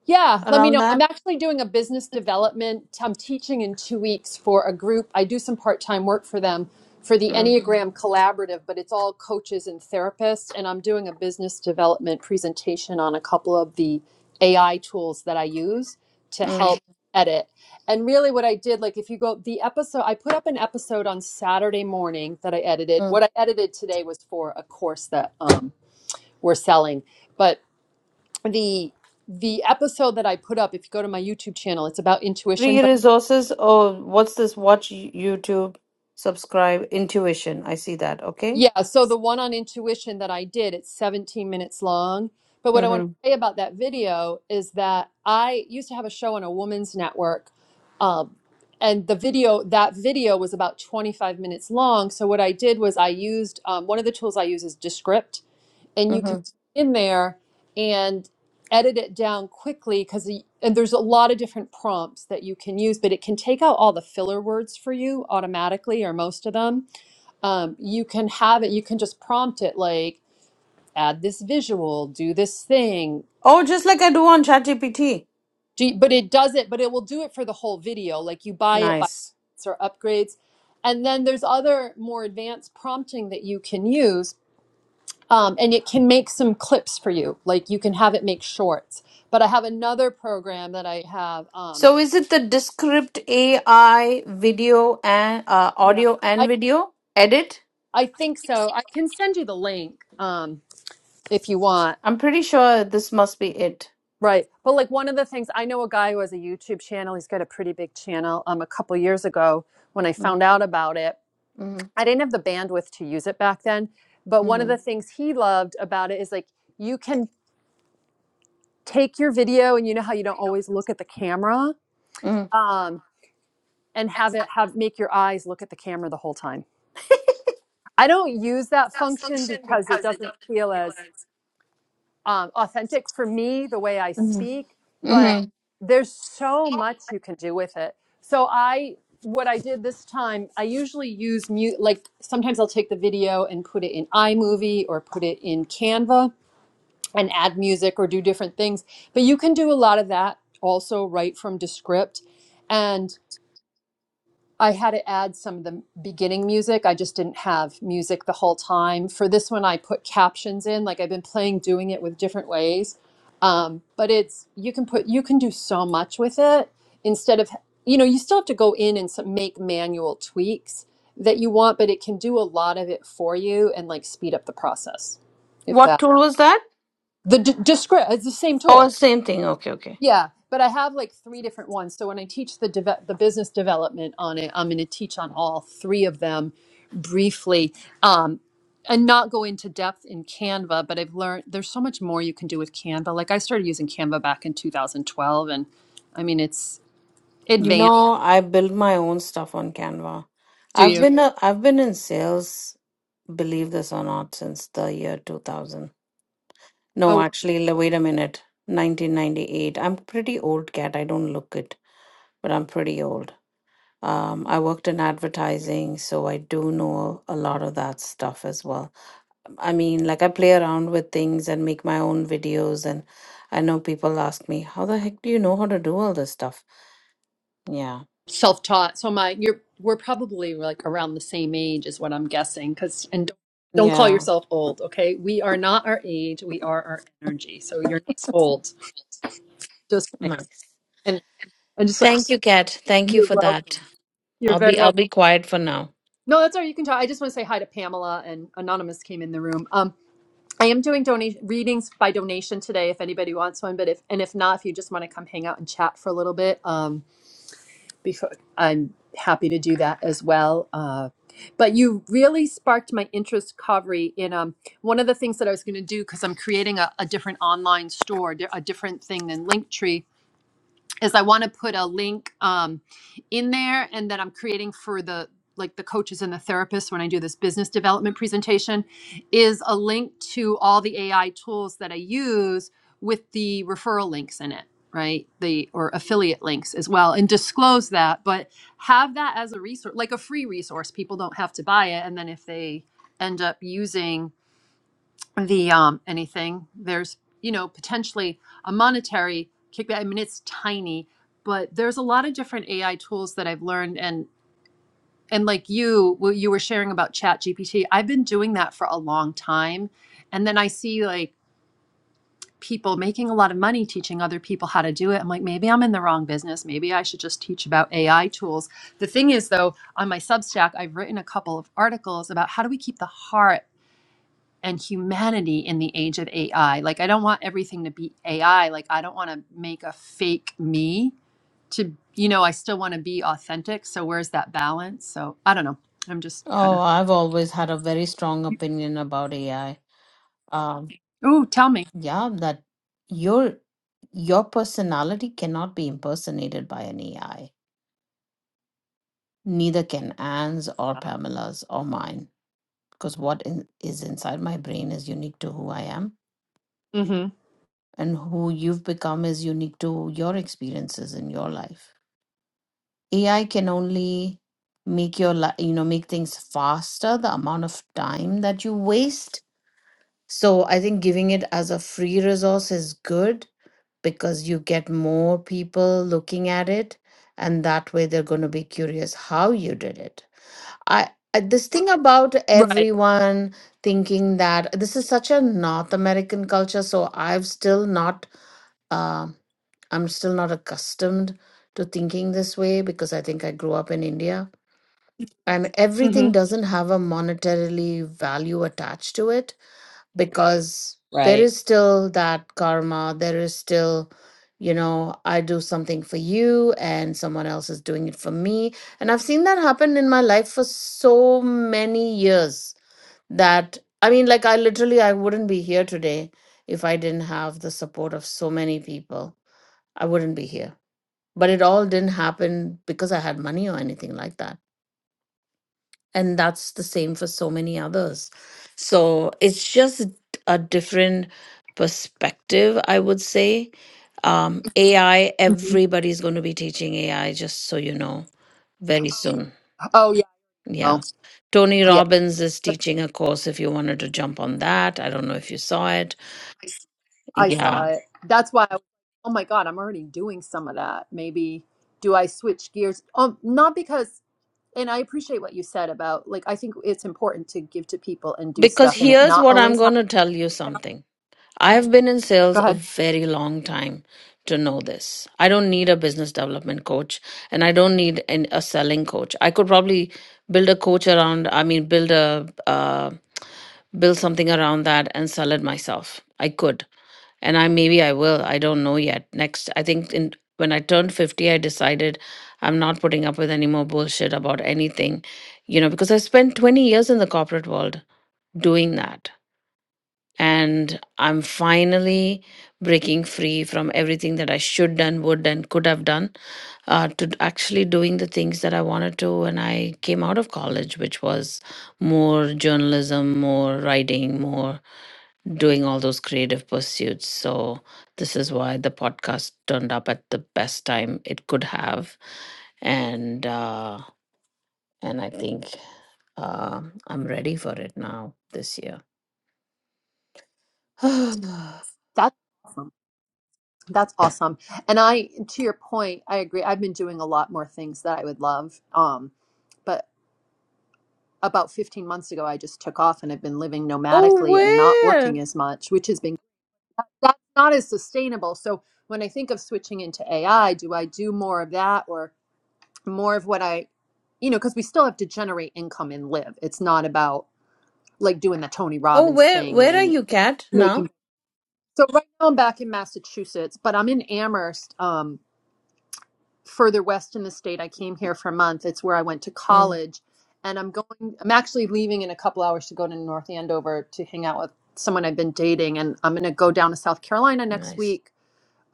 [SPEAKER 1] Yeah, let me
[SPEAKER 3] around
[SPEAKER 1] know. I'm
[SPEAKER 3] that?
[SPEAKER 1] actually doing a business development. I'm teaching in two weeks for a group. I do some part time work for them for the
[SPEAKER 3] Mm,
[SPEAKER 1] Enneagram Collaborative, but it's all coaches and therapists. And I'm doing a business development presentation on a couple of the AI tools that I use to
[SPEAKER 3] mm,
[SPEAKER 1] help edit. And really, what I did, like if you go, the episode, I put up an episode on Saturday morning that I edited.
[SPEAKER 3] mm.
[SPEAKER 1] What I edited today was for a course that um, we're selling. But the the episode that I put up, if you go to my YouTube channel, it's about intuition.
[SPEAKER 3] Free
[SPEAKER 1] But
[SPEAKER 3] resources. Oh, what's this? Watch YouTube, subscribe, intuition. I see that. Okay.
[SPEAKER 1] yeah, so the one on intuition that I did, it's 17 minutes long. But what I want
[SPEAKER 3] Mm-hmm.
[SPEAKER 1] to say about that video is that I used to have a show on a woman's network, um, and the video that video was about 25 minutes long. So what I did was I used um, one of the tools I use is Descript, and you can
[SPEAKER 3] Mm-hmm.
[SPEAKER 1] put in there and edit it down quickly because and there's a lot of different prompts that you can use but it can take out all the filler words for you automatically or most of them um, you can have it you can just prompt it like add this visual do this thing
[SPEAKER 3] Oh, just like I do on ChatGPT.
[SPEAKER 1] do, but it does it but it will do it for the whole video like you buy it by
[SPEAKER 3] Nice.
[SPEAKER 1] or upgrades and then there's other more advanced prompting that you can use um, and it can make some clips for you like you can have it make shorts but i have another program that i have um,
[SPEAKER 3] So, is it the Descript AI video and uh,
[SPEAKER 1] yeah
[SPEAKER 3] audio and
[SPEAKER 1] i
[SPEAKER 3] video edit?
[SPEAKER 1] i think so i can send you the link um, if you want
[SPEAKER 3] I'm pretty sure this must be it.
[SPEAKER 1] right but like one of the things i know a guy who has a youtube channel he's got a pretty big channel um, a couple years ago when i found out about it
[SPEAKER 3] Mm-hmm.
[SPEAKER 1] i didn't have the bandwidth to use it back then but one of the
[SPEAKER 3] Mm-hmm.
[SPEAKER 1] things he loved about it is like you can take your video and you know how you don't always look at the camera Um. and have it have make your eyes look at the camera the whole time. I don't use that function because it doesn't feel as um, authentic for me the way I
[SPEAKER 3] Mm-hmm.
[SPEAKER 1] speak, but
[SPEAKER 3] Mm-hmm.
[SPEAKER 1] there's so much you can do with it. So I what I did this time, I usually use mute like sometimes I'll take the video and put it in iMovie or put it in Canva and add music or do different things. But you can do a lot of that also right from Descript. And I had to add some of the beginning music. I just didn't have music the whole time. For this one, I put captions in. Like I've been playing, doing it with different ways. Um, but it's you can put you can do so much with it instead of you know you still have to go in and some, make manual tweaks that you want, but it can do a lot of it for you and like speed up the process. If
[SPEAKER 3] What
[SPEAKER 1] that
[SPEAKER 3] tool was that?
[SPEAKER 1] the d- descript it's the same
[SPEAKER 3] Oh,
[SPEAKER 1] tool
[SPEAKER 3] same thing. Okay, okay.
[SPEAKER 1] yeah, but I have like three different ones. So when I teach the deve- the business development on it, I'm going to teach on all three of them briefly, um, and not go into depth in Canva. But I've learned there's so much more you can do with Canva. Like I started using Canva back in 2012, and I mean it's
[SPEAKER 3] You
[SPEAKER 1] advanced.
[SPEAKER 3] know, I build my own stuff on Canva.
[SPEAKER 1] Do
[SPEAKER 3] I've
[SPEAKER 1] you?
[SPEAKER 3] been a, I've been in sales, believe this or not, since the year 2000. No,
[SPEAKER 1] Oh,
[SPEAKER 3] actually, l- wait a minute. 1998. I'm pretty old cat. I don't look it, but I'm pretty old. Um, I worked in advertising, so I do know a lot of that stuff as well. I mean, like I play around with things and make my own videos. And I know people ask me, how the heck do you know how to do all this stuff? Yeah.
[SPEAKER 1] self taught. So my you're we're probably like around the same age is what I'm guessing. Because and don't, don't call
[SPEAKER 3] Yeah.
[SPEAKER 1] yourself old, okay? We are not our age. We are our energy. So you're not
[SPEAKER 3] *laughs*
[SPEAKER 1] old. just saying.
[SPEAKER 3] Mm.
[SPEAKER 1] And I just like,
[SPEAKER 3] Thank you, Kat.
[SPEAKER 1] *laughs*
[SPEAKER 3] Thank you
[SPEAKER 1] you're
[SPEAKER 3] for that.
[SPEAKER 1] welcome. You're
[SPEAKER 3] I'll
[SPEAKER 1] very
[SPEAKER 3] be I'll
[SPEAKER 1] welcome.
[SPEAKER 3] be quiet for now.
[SPEAKER 1] No, that's all right. You can talk. I just want to say hi to Pamela and Anonymous came in the room. Um, I am doing donation readings by donation today if anybody wants one, but if and if not, if you just want to come hang out and chat for a little bit, um, before I'm happy to do that as well. Uh, but you really sparked my interest, Kavri, in um, one of the things that I was going to do because I'm creating a, a different online store, di- a different thing than Linktree is I want to put a link um, in there and that I'm creating for the like the coaches and the therapists when I do this business development presentation is a link to all the AI tools that I use with the referral links in it, right? The or affiliate links as well and disclose that, but have that as a resource, like a free resource. People don't have to buy it and then if they end up using the um, anything. There's you know potentially a monetary kickback. I mean, it's tiny, but there's a lot of different AI tools that I've learned and and like you, what you were sharing about Chat GPT, I've been doing that for a long time, and then I see like people making a lot of money teaching other people how to do it. I'm like, maybe I'm in the wrong business. Maybe I should just teach about AI tools. The thing is though, on my Substack, I've written a couple of articles about how do we keep the heart and humanity in the age of AI. Like, I don't want everything to be AI. Like, I don't want to make a fake me to, you know, I still want to be authentic. So, where's that balance? So, I don't know. I'm just kind
[SPEAKER 3] Oh,
[SPEAKER 1] of,
[SPEAKER 3] I've always had a very strong opinion about AI. Um,
[SPEAKER 1] ooh, tell me.
[SPEAKER 3] yeah, that your your personality cannot be impersonated by an AI. Neither can Anne's or Pamela's or mine. because what in, is inside my brain is unique to who I am,
[SPEAKER 1] hmm
[SPEAKER 3] and who you've become is unique to your experiences in your life. AI can only make your life, you know, make things faster, the amount of time that you waste. So I think giving it as a free resource is good because you get more people looking at it, and that way they're going to be curious how you did it I I- this thing about
[SPEAKER 1] Right.
[SPEAKER 3] everyone thinking that this is such a North American culture, so I've still not uh, I'm still not accustomed to thinking this way because I think I grew up in India and
[SPEAKER 1] hmm
[SPEAKER 3] everything doesn't have a monetarily value attached to it because there
[SPEAKER 1] Right.
[SPEAKER 3] is still that karma there is still you know i do something for you and someone else is doing it for me and i've seen that happen in my life for so many years that i mean like i literally i wouldn't be here today if i didn't have the support of so many people i wouldn't be here but it all didn't happen because i had money or anything like that and that's the same for so many others so it's just a different perspective i would say um ai
[SPEAKER 1] hmm
[SPEAKER 3] everybody's going to be teaching ai just so you know very soon
[SPEAKER 1] Oh, yeah.
[SPEAKER 3] yeah
[SPEAKER 1] Oh,
[SPEAKER 3] tony
[SPEAKER 1] yeah.
[SPEAKER 3] robbins is
[SPEAKER 1] But
[SPEAKER 3] teaching a course if you wanted to jump on that i don't know if you saw it
[SPEAKER 1] I saw
[SPEAKER 3] yeah
[SPEAKER 1] it. That's why, I, was, like, oh my God, I'm already doing some of that. Maybe do I switch gears? Um, not because and I appreciate what you said about like I think it's important to give to people and do
[SPEAKER 3] because
[SPEAKER 1] stuff and it
[SPEAKER 3] here's
[SPEAKER 1] not
[SPEAKER 3] what i'm
[SPEAKER 1] always
[SPEAKER 3] going
[SPEAKER 1] happen.
[SPEAKER 3] to tell you something I've been in
[SPEAKER 1] Go
[SPEAKER 3] sales a
[SPEAKER 1] ahead.
[SPEAKER 3] very long time to know this. I don't need a business development coach and I don't need an, a selling coach. I could probably build a coach around, I mean, build a, uh, build something around that and sell it myself. I could. And I maybe I will. I don't know yet. Next, I think in when I turned 50, I decided I'm not putting up with any more bullshit about anything, you know, because I spent 20 years in the corporate world doing that and i'm finally breaking free from everything that i should done would and could have done uh, to actually doing the things that i wanted to when i came out of college which was more journalism more writing more doing all those creative pursuits so this is why the podcast turned up at the best time it could have and uh, and i think uh, i'm ready for it now this year *sighs* oh
[SPEAKER 1] That's awesome. That's awesome. And I to your point, I agree. I've been doing a lot more things that I would love. Um but about 15 months ago I just took off and I've been living nomadically and not
[SPEAKER 3] where
[SPEAKER 1] working as much, which has been that's not as sustainable. So when I think of switching into AI, do I do more of that or more of what I you know, because we still have to generate income and live. It's not about like doing the Tony
[SPEAKER 3] Oh,
[SPEAKER 1] Robbins
[SPEAKER 3] where
[SPEAKER 1] thing
[SPEAKER 3] where are
[SPEAKER 1] and
[SPEAKER 3] you, Kat, now?
[SPEAKER 1] making. So right now I'm back in Massachusetts, but I'm in Amherst, um, further west in the state. I came here for a month. It's where I went to
[SPEAKER 3] Mm,
[SPEAKER 1] college, and I'm going. I'm actually leaving in a couple hours to go to North Andover to hang out with someone I've been dating, and I'm gonna go down to South Carolina next
[SPEAKER 3] nice.
[SPEAKER 1] week.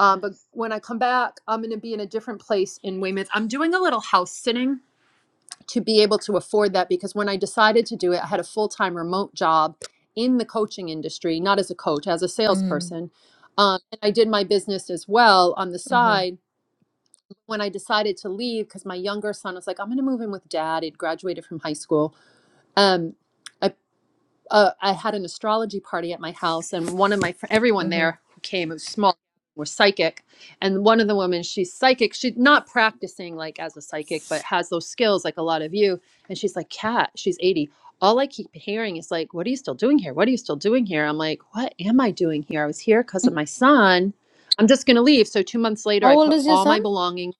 [SPEAKER 1] Um, but when I come back, I'm gonna be in a different place in Weymouth. I'm doing a little house sitting to be able to afford that because when I decided to do it, I had a full time remote job in the coaching industry, not as a coach, as a
[SPEAKER 3] Mm-hmm.
[SPEAKER 1] salesperson. Um, and I did my business as well on the
[SPEAKER 3] Mm-hmm.
[SPEAKER 1] side. When I decided to leave, because my younger son was like, I'm going to move in with dad. He'd graduated from high school. Um, uh, I had an astrology party at my house, and one of my fr- everyone there
[SPEAKER 3] Mm-hmm.
[SPEAKER 1] who came it was small was psychic, and one of the women she's psychic. She's not practicing like as a psychic, but has those skills like a lot of you. And she's like, "Cat, she's eighty. All I keep hearing is like, what are you still doing here? What are you still doing here?" I'm like, "What am I doing here? I was here because of my son. I'm just gonna leave." So two months
[SPEAKER 3] *laughs*
[SPEAKER 1] later,
[SPEAKER 3] How
[SPEAKER 1] I
[SPEAKER 3] old
[SPEAKER 1] put
[SPEAKER 3] is your
[SPEAKER 1] all my
[SPEAKER 3] son?
[SPEAKER 1] belongings.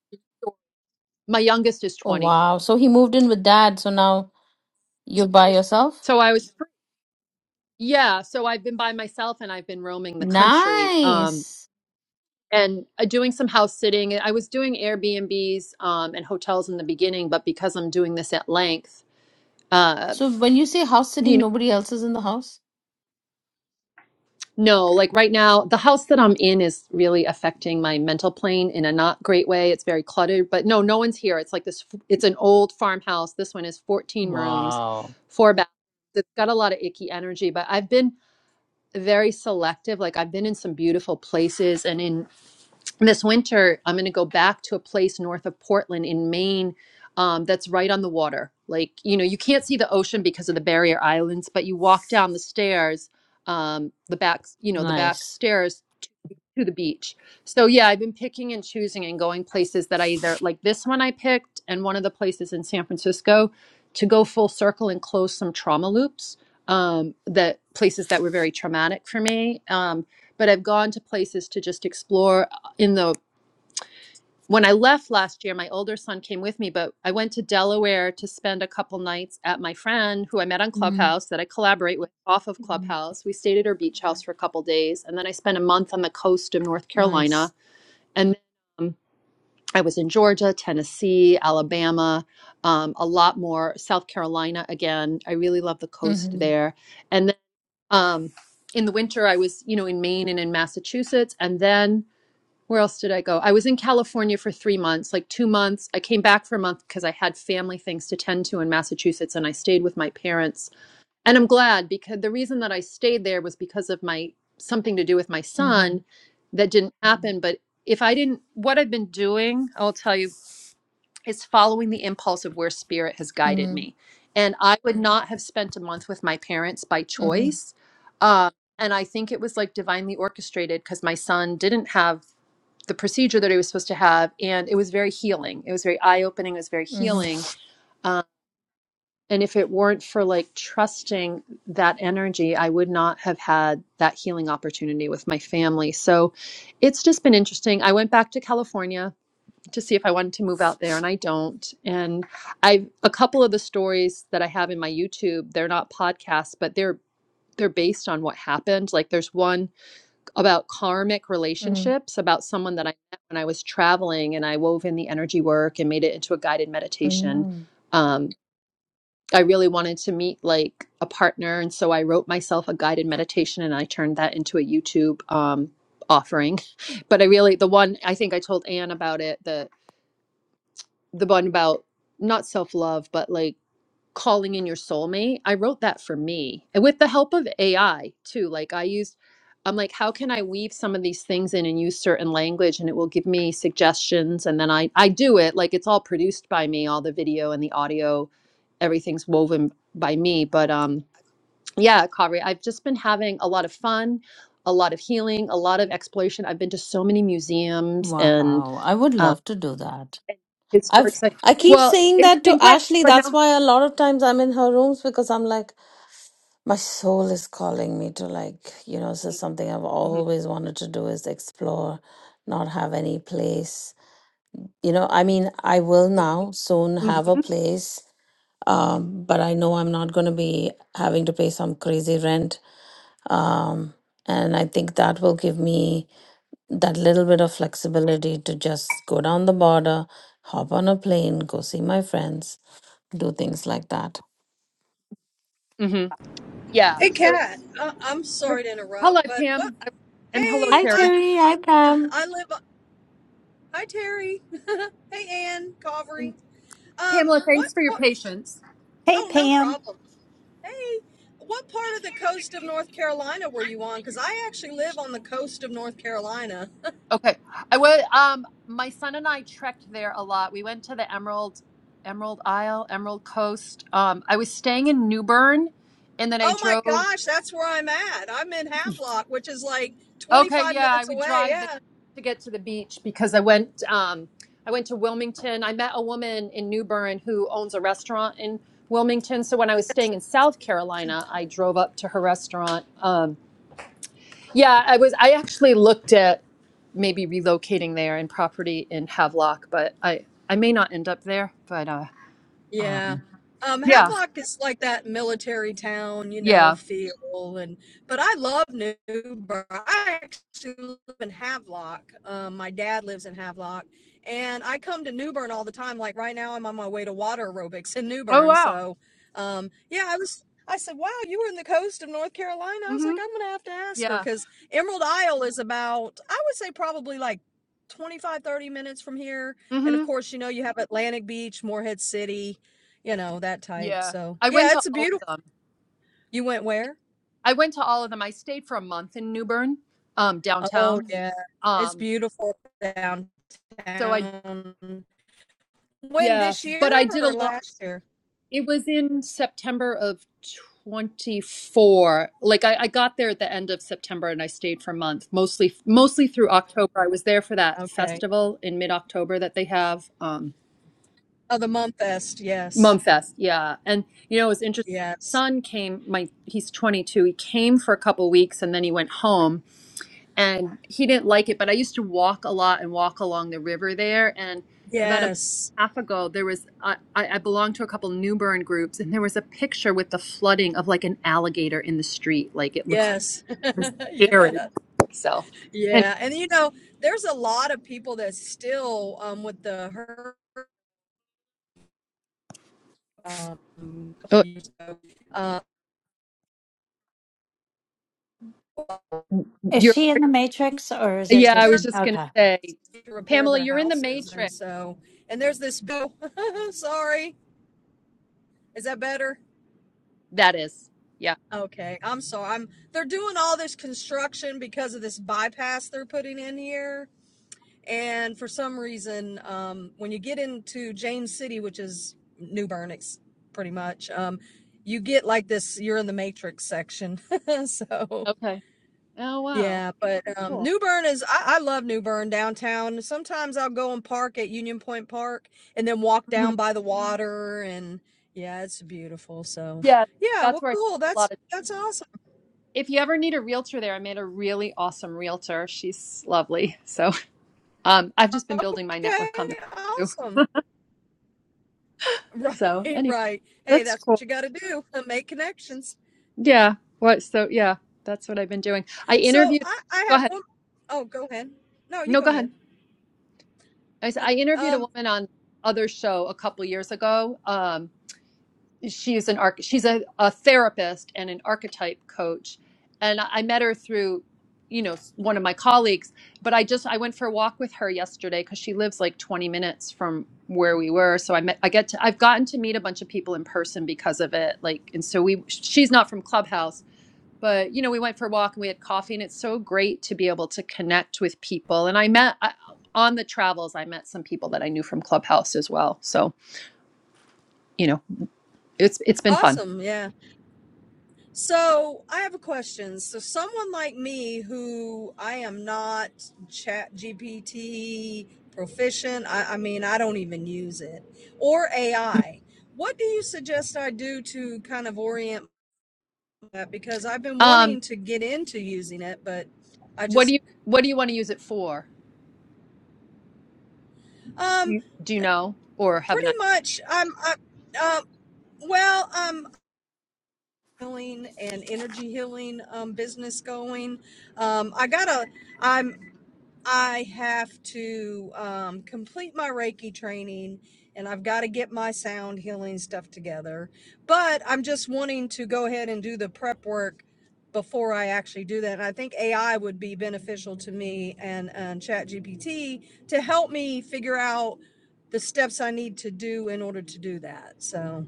[SPEAKER 1] My youngest is
[SPEAKER 3] Oh,
[SPEAKER 1] twenty,
[SPEAKER 3] wow. So he moved in with dad. So now you're by yourself?
[SPEAKER 1] so I was yeah. So I've been by myself, and I've been roaming the country. Um,
[SPEAKER 3] Nice.
[SPEAKER 1] and uh, doing some house sitting. I was doing Airbnbs um, and hotels in the beginning, but because I'm doing this at length, uh,
[SPEAKER 3] So when you say house
[SPEAKER 1] you
[SPEAKER 3] sitting,
[SPEAKER 1] know,
[SPEAKER 3] nobody else is in the house?
[SPEAKER 1] no, like right now, the house that I'm in is really affecting my mental plane in a not great way. It's very cluttered, but no, no one's here. It's like this, it's an old farmhouse. This one is 14 rooms,
[SPEAKER 3] Wow.
[SPEAKER 1] four baths. It's got a lot of icky energy, but I've been very selective. Like I've been in some beautiful places and in This Winter, I'm going to go back to a place north of Portland in Maine um, that's right on the water. Like, you know, you can't see the ocean because of the barrier islands, but you walk down the stairs, um, the back, you know, the back
[SPEAKER 3] Nice.
[SPEAKER 1] stairs to the beach. So, yeah, I've been picking and choosing and going places that I either like this one I picked and one of the places in San Francisco to go full circle and close some trauma loops, um, that places that were very traumatic for me. Um, but I've gone to places to just explore uh, in the when I left last year, my older son came with me, but I went to Delaware to spend a couple nights at my friend who I met on
[SPEAKER 3] Mm-hmm.
[SPEAKER 1] Clubhouse that I collaborate with off of
[SPEAKER 3] mm-hmm.
[SPEAKER 1] Clubhouse. We stayed at her beach house for a couple days, and then I spent a month on the coast of North
[SPEAKER 3] Nice.
[SPEAKER 1] Carolina. And um, I was in Georgia, Tennessee, Alabama, um, a lot more, South Carolina again. I really love the coast there. And then um, in the winter, I was, you know, in Maine and in Massachusetts. And then where else did I go? I was in California for three months, like two months. I came back for a month because I had family things to tend to in Massachusetts and I stayed with my parents. And I'm glad because the reason that I stayed there was because of my something to do with my
[SPEAKER 3] Mm-hmm.
[SPEAKER 1] son that didn't happen. But if I didn't, what I've been doing, I'll tell you, is following the impulse of where spirit has guided me. And I would not have spent a month with my parents by
[SPEAKER 3] Mm-hmm.
[SPEAKER 1] choice. Um, and I think it was like divinely orchestrated because my son didn't have the procedure that he was supposed to have, and it was very healing. It was very eye opening. It was very healing. Um, and if it weren't for like trusting that energy, I would not have had that healing opportunity with my family. So it's just been interesting. I went back to California to see if I wanted to move out there, and I don't. And I've a couple of the stories that I have in my YouTube, they're not podcasts, but they're they're based on what happened. Like there's one about karmic relationships, about someone that I met when I was traveling and I wove in the energy work and made it into a guided meditation.
[SPEAKER 3] mm-hmm.
[SPEAKER 1] Um, I really wanted to meet like a partner. And so I wrote myself a guided meditation and I turned that into a YouTube um, offering. *laughs* But I really, the one I think I told Anne about it, the, the one about not self love, but like calling in your soulmate. I wrote that for me and with the help of AI too. Like I used, I'm like, how can I weave some of these things in and use certain language and it will give me suggestions. And then I, I do it like it's all produced by me, all the video and the audio, everything's woven by me. But, um, yeah, Kavri, I've just been having a lot of fun, a lot of healing, a lot of exploration. I've been to so many museums and,
[SPEAKER 3] Wow. I would
[SPEAKER 1] um,
[SPEAKER 3] love to do that.
[SPEAKER 1] historic
[SPEAKER 3] I've
[SPEAKER 1] sites.
[SPEAKER 3] I keep
[SPEAKER 1] Well,
[SPEAKER 3] saying
[SPEAKER 1] it's
[SPEAKER 3] that
[SPEAKER 1] been
[SPEAKER 3] to
[SPEAKER 1] great,
[SPEAKER 3] Ashley.
[SPEAKER 1] but
[SPEAKER 3] That's
[SPEAKER 1] now,
[SPEAKER 3] why a lot of times I'm in her rooms because I'm like, my soul is calling me to like you know so something i've
[SPEAKER 1] Mhm,
[SPEAKER 3] always wanted to do is explore not have any place you know i mean i will now soon have a
[SPEAKER 1] mhm,
[SPEAKER 3] place um, but i know i'm not going to be having to pay some crazy rent um, and i think that will give me that little bit of flexibility to just go down the border hop on a plane go see my friends do things like that
[SPEAKER 1] mhm. Yeah.
[SPEAKER 4] Hey,
[SPEAKER 1] So,
[SPEAKER 4] Kat. Uh, I'm sorry to
[SPEAKER 1] hello,
[SPEAKER 4] interrupt, but what?
[SPEAKER 1] Pam, and hello,
[SPEAKER 4] Hey,
[SPEAKER 3] hi
[SPEAKER 4] I
[SPEAKER 1] Terry.
[SPEAKER 3] terry hi pam
[SPEAKER 4] I live. Hi, Terry. *laughs* hey, Ann Calvary.
[SPEAKER 1] And
[SPEAKER 4] Um,
[SPEAKER 1] Pamela,
[SPEAKER 4] what?
[SPEAKER 1] thanks for your
[SPEAKER 4] pa-
[SPEAKER 1] patience.
[SPEAKER 2] Hey,
[SPEAKER 4] Oh, no
[SPEAKER 2] Pam.
[SPEAKER 4] problem. Hey, what part of the coast of North Carolina were you on? Because I actually live on the coast of North Carolina.
[SPEAKER 1] Okay. I would um my son and I trekked there a lot. We went to the Emerald Emerald Isle, Emerald Coast. Um I was staying in Newbern and then I
[SPEAKER 4] Oh my
[SPEAKER 1] drove
[SPEAKER 4] gosh, that's where I'm at. I'm in Havelock, which is like
[SPEAKER 1] Okay,
[SPEAKER 4] 25
[SPEAKER 1] yeah, I
[SPEAKER 4] minutes
[SPEAKER 1] would
[SPEAKER 4] away.
[SPEAKER 1] drive there
[SPEAKER 4] Yeah.
[SPEAKER 1] to get to the beach because I went um I went to Wilmington. I met a woman in Newbern who owns a restaurant in Wilmington. So when I was staying in South Carolina, I drove up to her restaurant. Um. Yeah, I was I actually looked at maybe relocating there and property in Havelock, but I I may not end up there, but uh
[SPEAKER 4] Yeah.
[SPEAKER 1] um
[SPEAKER 4] Um,
[SPEAKER 1] yeah,
[SPEAKER 4] Havelock is like that military town, you know,
[SPEAKER 1] yeah.
[SPEAKER 4] feel and but I love Newburgh. I actually live in Havelock. Um, my dad lives in Havelock, and I come to Newbern all the time. Like right now, I'm on my way to water aerobics in
[SPEAKER 1] Oh
[SPEAKER 4] Newbern.
[SPEAKER 1] wow.
[SPEAKER 4] So, um, yeah, I was. I said, "Wow, you were in the coast of North Carolina." I was like,
[SPEAKER 1] Mhm.
[SPEAKER 4] "I'm gonna have to ask her
[SPEAKER 1] Yeah.
[SPEAKER 4] because Emerald Isle is about, I would say, probably like 25, 30 minutes from here." And of
[SPEAKER 1] Mhm.
[SPEAKER 4] course, you know, you have Atlantic Beach, Morehead City you know, that type,
[SPEAKER 1] Yeah.
[SPEAKER 4] so
[SPEAKER 1] I went
[SPEAKER 4] yeah,
[SPEAKER 1] to
[SPEAKER 4] it's a
[SPEAKER 1] all
[SPEAKER 4] beautiful
[SPEAKER 1] of them.
[SPEAKER 4] You went
[SPEAKER 1] It-
[SPEAKER 4] where?
[SPEAKER 1] I went to all of them. I stayed for a month in New Bern, um
[SPEAKER 4] Oh,
[SPEAKER 1] downtown.
[SPEAKER 4] yeah, it's
[SPEAKER 1] Um
[SPEAKER 4] beautiful downtown.
[SPEAKER 1] so I
[SPEAKER 4] When,
[SPEAKER 1] yeah,
[SPEAKER 4] this year
[SPEAKER 1] but I did a
[SPEAKER 4] or
[SPEAKER 1] lot
[SPEAKER 4] last year?
[SPEAKER 1] It was in September of 24. Like I, I got there at the end of September and I stayed for a month, mostly mostly through October. I was there for that
[SPEAKER 4] Okay.
[SPEAKER 1] festival in mid-October that they have, um,
[SPEAKER 4] Oh, the Mumfest, yes,
[SPEAKER 1] Mumfest. Yeah. And you know, it was interesting.
[SPEAKER 4] yes,
[SPEAKER 1] son came, my he's 22. He came for a couple weeks and then he went home and he didn't like it but i used to walk a lot and walk along the river there and about a month
[SPEAKER 4] yes,
[SPEAKER 1] and a half ago there was i i I belonged to a couple new bern groups and there was a picture with the flooding of like an alligator in the street like it looked like
[SPEAKER 4] yes. *laughs*
[SPEAKER 1] it was scary
[SPEAKER 4] Yeah,
[SPEAKER 1] so anyway
[SPEAKER 4] yeah, and, you know, there's a lot of people that still, um, with the her um, couple
[SPEAKER 1] oh,
[SPEAKER 4] years ago, uh,
[SPEAKER 2] Is
[SPEAKER 1] you're
[SPEAKER 2] she in the Matrix or is
[SPEAKER 4] they
[SPEAKER 2] it
[SPEAKER 1] yeah i
[SPEAKER 2] just.
[SPEAKER 4] still
[SPEAKER 1] was just gonna
[SPEAKER 2] Okay.
[SPEAKER 1] say
[SPEAKER 4] need to repair
[SPEAKER 1] pamela
[SPEAKER 4] their
[SPEAKER 1] you're in the
[SPEAKER 4] houses, and
[SPEAKER 1] matrix
[SPEAKER 4] so and there's this bill *laughs* sorry, Is that better?
[SPEAKER 1] that is yeah
[SPEAKER 4] Okay, I'm sorry. I'm they're doing all this construction because of this bypass they're putting in here, and for some reason, um, when you get into James City, which is New Bernix, pretty much, um, you get like this. You're in the Matrix section, *laughs* so
[SPEAKER 1] okay oh wow
[SPEAKER 4] Yeah, but um,
[SPEAKER 1] cool
[SPEAKER 4] New Bern is, I, I love New Bern downtown. Sometimes I'll go and park at Union Point Park and then walk
[SPEAKER 1] Mhm.
[SPEAKER 4] down by the water and yeah, it's beautiful. So
[SPEAKER 1] yeah
[SPEAKER 4] yeah,
[SPEAKER 1] that's
[SPEAKER 4] well,
[SPEAKER 1] where i
[SPEAKER 4] cool.
[SPEAKER 1] spent a lot
[SPEAKER 4] That's,
[SPEAKER 1] of
[SPEAKER 4] that's awesome.
[SPEAKER 1] if you ever need a realtor there, I made a really awesome realtor. She's lovely. So um, I've just been building my
[SPEAKER 4] Okay,
[SPEAKER 1] network on the road too.
[SPEAKER 4] awesome. *laughs*
[SPEAKER 1] So
[SPEAKER 4] Right,
[SPEAKER 1] anyway,
[SPEAKER 4] right. Hey,
[SPEAKER 1] that's
[SPEAKER 4] that's what
[SPEAKER 1] cool.
[SPEAKER 4] you got to do. *laughs* Make connections.
[SPEAKER 1] Yeah. What? So yeah, that's what I've been doing. I
[SPEAKER 4] So
[SPEAKER 1] interviewed.
[SPEAKER 4] I, I
[SPEAKER 1] Go
[SPEAKER 4] have
[SPEAKER 1] ahead.
[SPEAKER 4] one. Oh, go ahead. No, you
[SPEAKER 1] No, go
[SPEAKER 4] go
[SPEAKER 1] ahead.
[SPEAKER 4] ahead.
[SPEAKER 1] I, s-
[SPEAKER 4] I,
[SPEAKER 1] I interviewed a
[SPEAKER 4] um,
[SPEAKER 1] woman on other show a couple years ago. Um, she's an arch she's a, a therapist and an archetype coach and i I met her through you know s- one of my colleagues but i just i went for a walk with her yesterday because she lives like 20 minutes from where we were so i met i get to i've gotten to meet a bunch of people in person because of it like and so we she's not from clubhouse but you know we went for a walk and we had coffee and it's so great to be able to connect with people and i met I, on the travels i met some people that i knew from clubhouse as well so you know it's it's been fun
[SPEAKER 4] awesome. Yeah. So I have a question. So someone like me who I am not chat GPT proficient, I, I mean, I don't even use it or AI. What do you suggest I do to kind of orient that? Because I've been
[SPEAKER 1] Um.
[SPEAKER 4] wanting to get into using it, but I
[SPEAKER 1] What do
[SPEAKER 4] just,
[SPEAKER 1] you what do you want to use it for?
[SPEAKER 4] um,
[SPEAKER 1] You- Do you know or have an
[SPEAKER 4] pretty
[SPEAKER 1] idea?
[SPEAKER 4] much I'm, I, uh, well, I'm healing and energy healing, um, business going. Um, I got a, I'm I have to um, complete my Reiki training and I've got to get my sound healing stuff together. But I'm just wanting to go ahead and do the prep work before I actually do that. And I think AI would be beneficial to me and, and ChatGPT to help me figure out the steps I need to do in order to do that. So,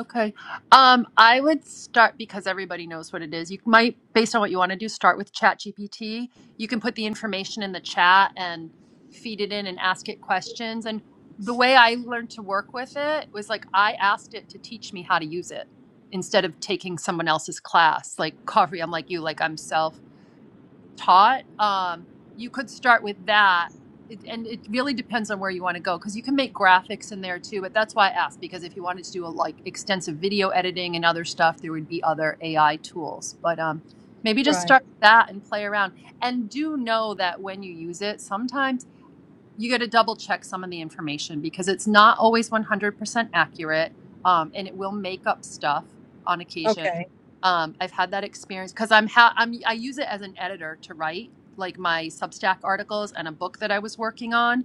[SPEAKER 1] Okay. Um, I would start because everybody knows what it is. You might, based on what you want to do, start with ChatGPT. You can put the information in the chat and feed it in and ask it questions. And the way I learned to work with it was like I asked it to teach me how to use it instead of taking someone else's class. Like coffee, I'm like you, like I'm self. taught, um, you could start with that. It, and it really depends on where you want to go because you can make graphics in there too. But that's why I asked because if you wanted to do a, like extensive video editing and other stuff, there would be other AI tools. But um, maybe just
[SPEAKER 4] right.
[SPEAKER 1] start with that and play around. And do know that when you use it, sometimes you got to double check some of the information because it's not always 100% accurate um, and it will make up stuff on occasion
[SPEAKER 4] Okay.
[SPEAKER 1] um, i've had that experience because i'm ha- i'm i use it as an editor to write like my substack articles and a book that i was working on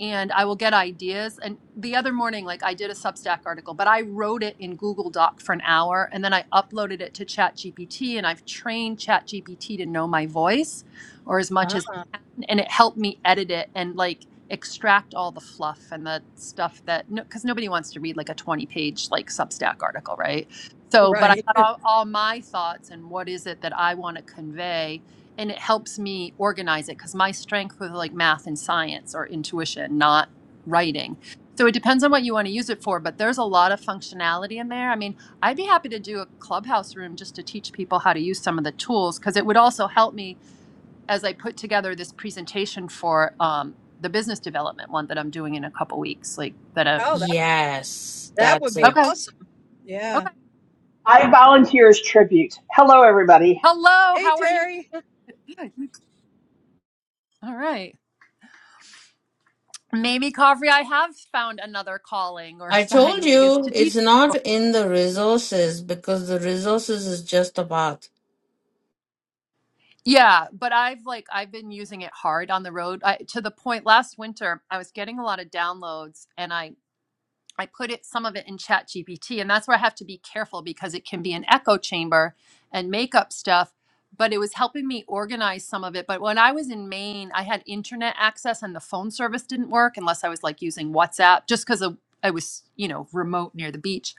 [SPEAKER 1] and i will get ideas and the other morning like i did a substack article but i wrote it in google doc for an hour and then i uploaded it to chat gpt and i've trained chat gpt to know my voice or as much as
[SPEAKER 4] Ah,
[SPEAKER 1] it can and it helped me edit it and like extract all the fluff and the stuff that no because nobody wants to read like a 20 page like substack article right so but i
[SPEAKER 4] right.
[SPEAKER 1] got all, all my thoughts and what is it that i want to convey and it helps me organize it because my strength was like math and science or intuition not writing so it depends on what you want to use it for but there's a lot of functionality in there i mean i'd be happy to do a clubhouse room just to teach people how to use some of the tools because it would also help me as I put together this presentation for um, the business development one that I'm doing in a couple weeks. Like that. Uh,
[SPEAKER 4] Oh, that,
[SPEAKER 3] Yes,
[SPEAKER 4] that would
[SPEAKER 3] that's
[SPEAKER 4] be
[SPEAKER 3] it.
[SPEAKER 1] okay.
[SPEAKER 4] awesome. Yeah.
[SPEAKER 1] Okay.
[SPEAKER 5] I volunteer as tribute. Hello, everybody.
[SPEAKER 1] Hello.
[SPEAKER 4] Hey,
[SPEAKER 1] How are you?
[SPEAKER 4] Terry. *laughs*
[SPEAKER 1] Good. All right. Maybe Kavri, I have found another calling or *laughs*
[SPEAKER 3] I
[SPEAKER 1] side
[SPEAKER 3] told
[SPEAKER 1] gig is
[SPEAKER 3] you
[SPEAKER 1] to
[SPEAKER 3] it's
[SPEAKER 1] teach
[SPEAKER 3] not
[SPEAKER 1] people.
[SPEAKER 3] in the resources because the resources is just a path.
[SPEAKER 1] Yeah, but I've like I've been using it hard on the road I, to the point last winter I was getting a lot of downloads and I I put it some of it in Chat GPT, and that's where I have to be careful because it can be an echo chamber and make up stuff. But it was helping me organize some of it. But when I was in Maine, I had internet access and the phone service didn't work unless I was like using WhatsApp, just because I was, you know, remote near the beach.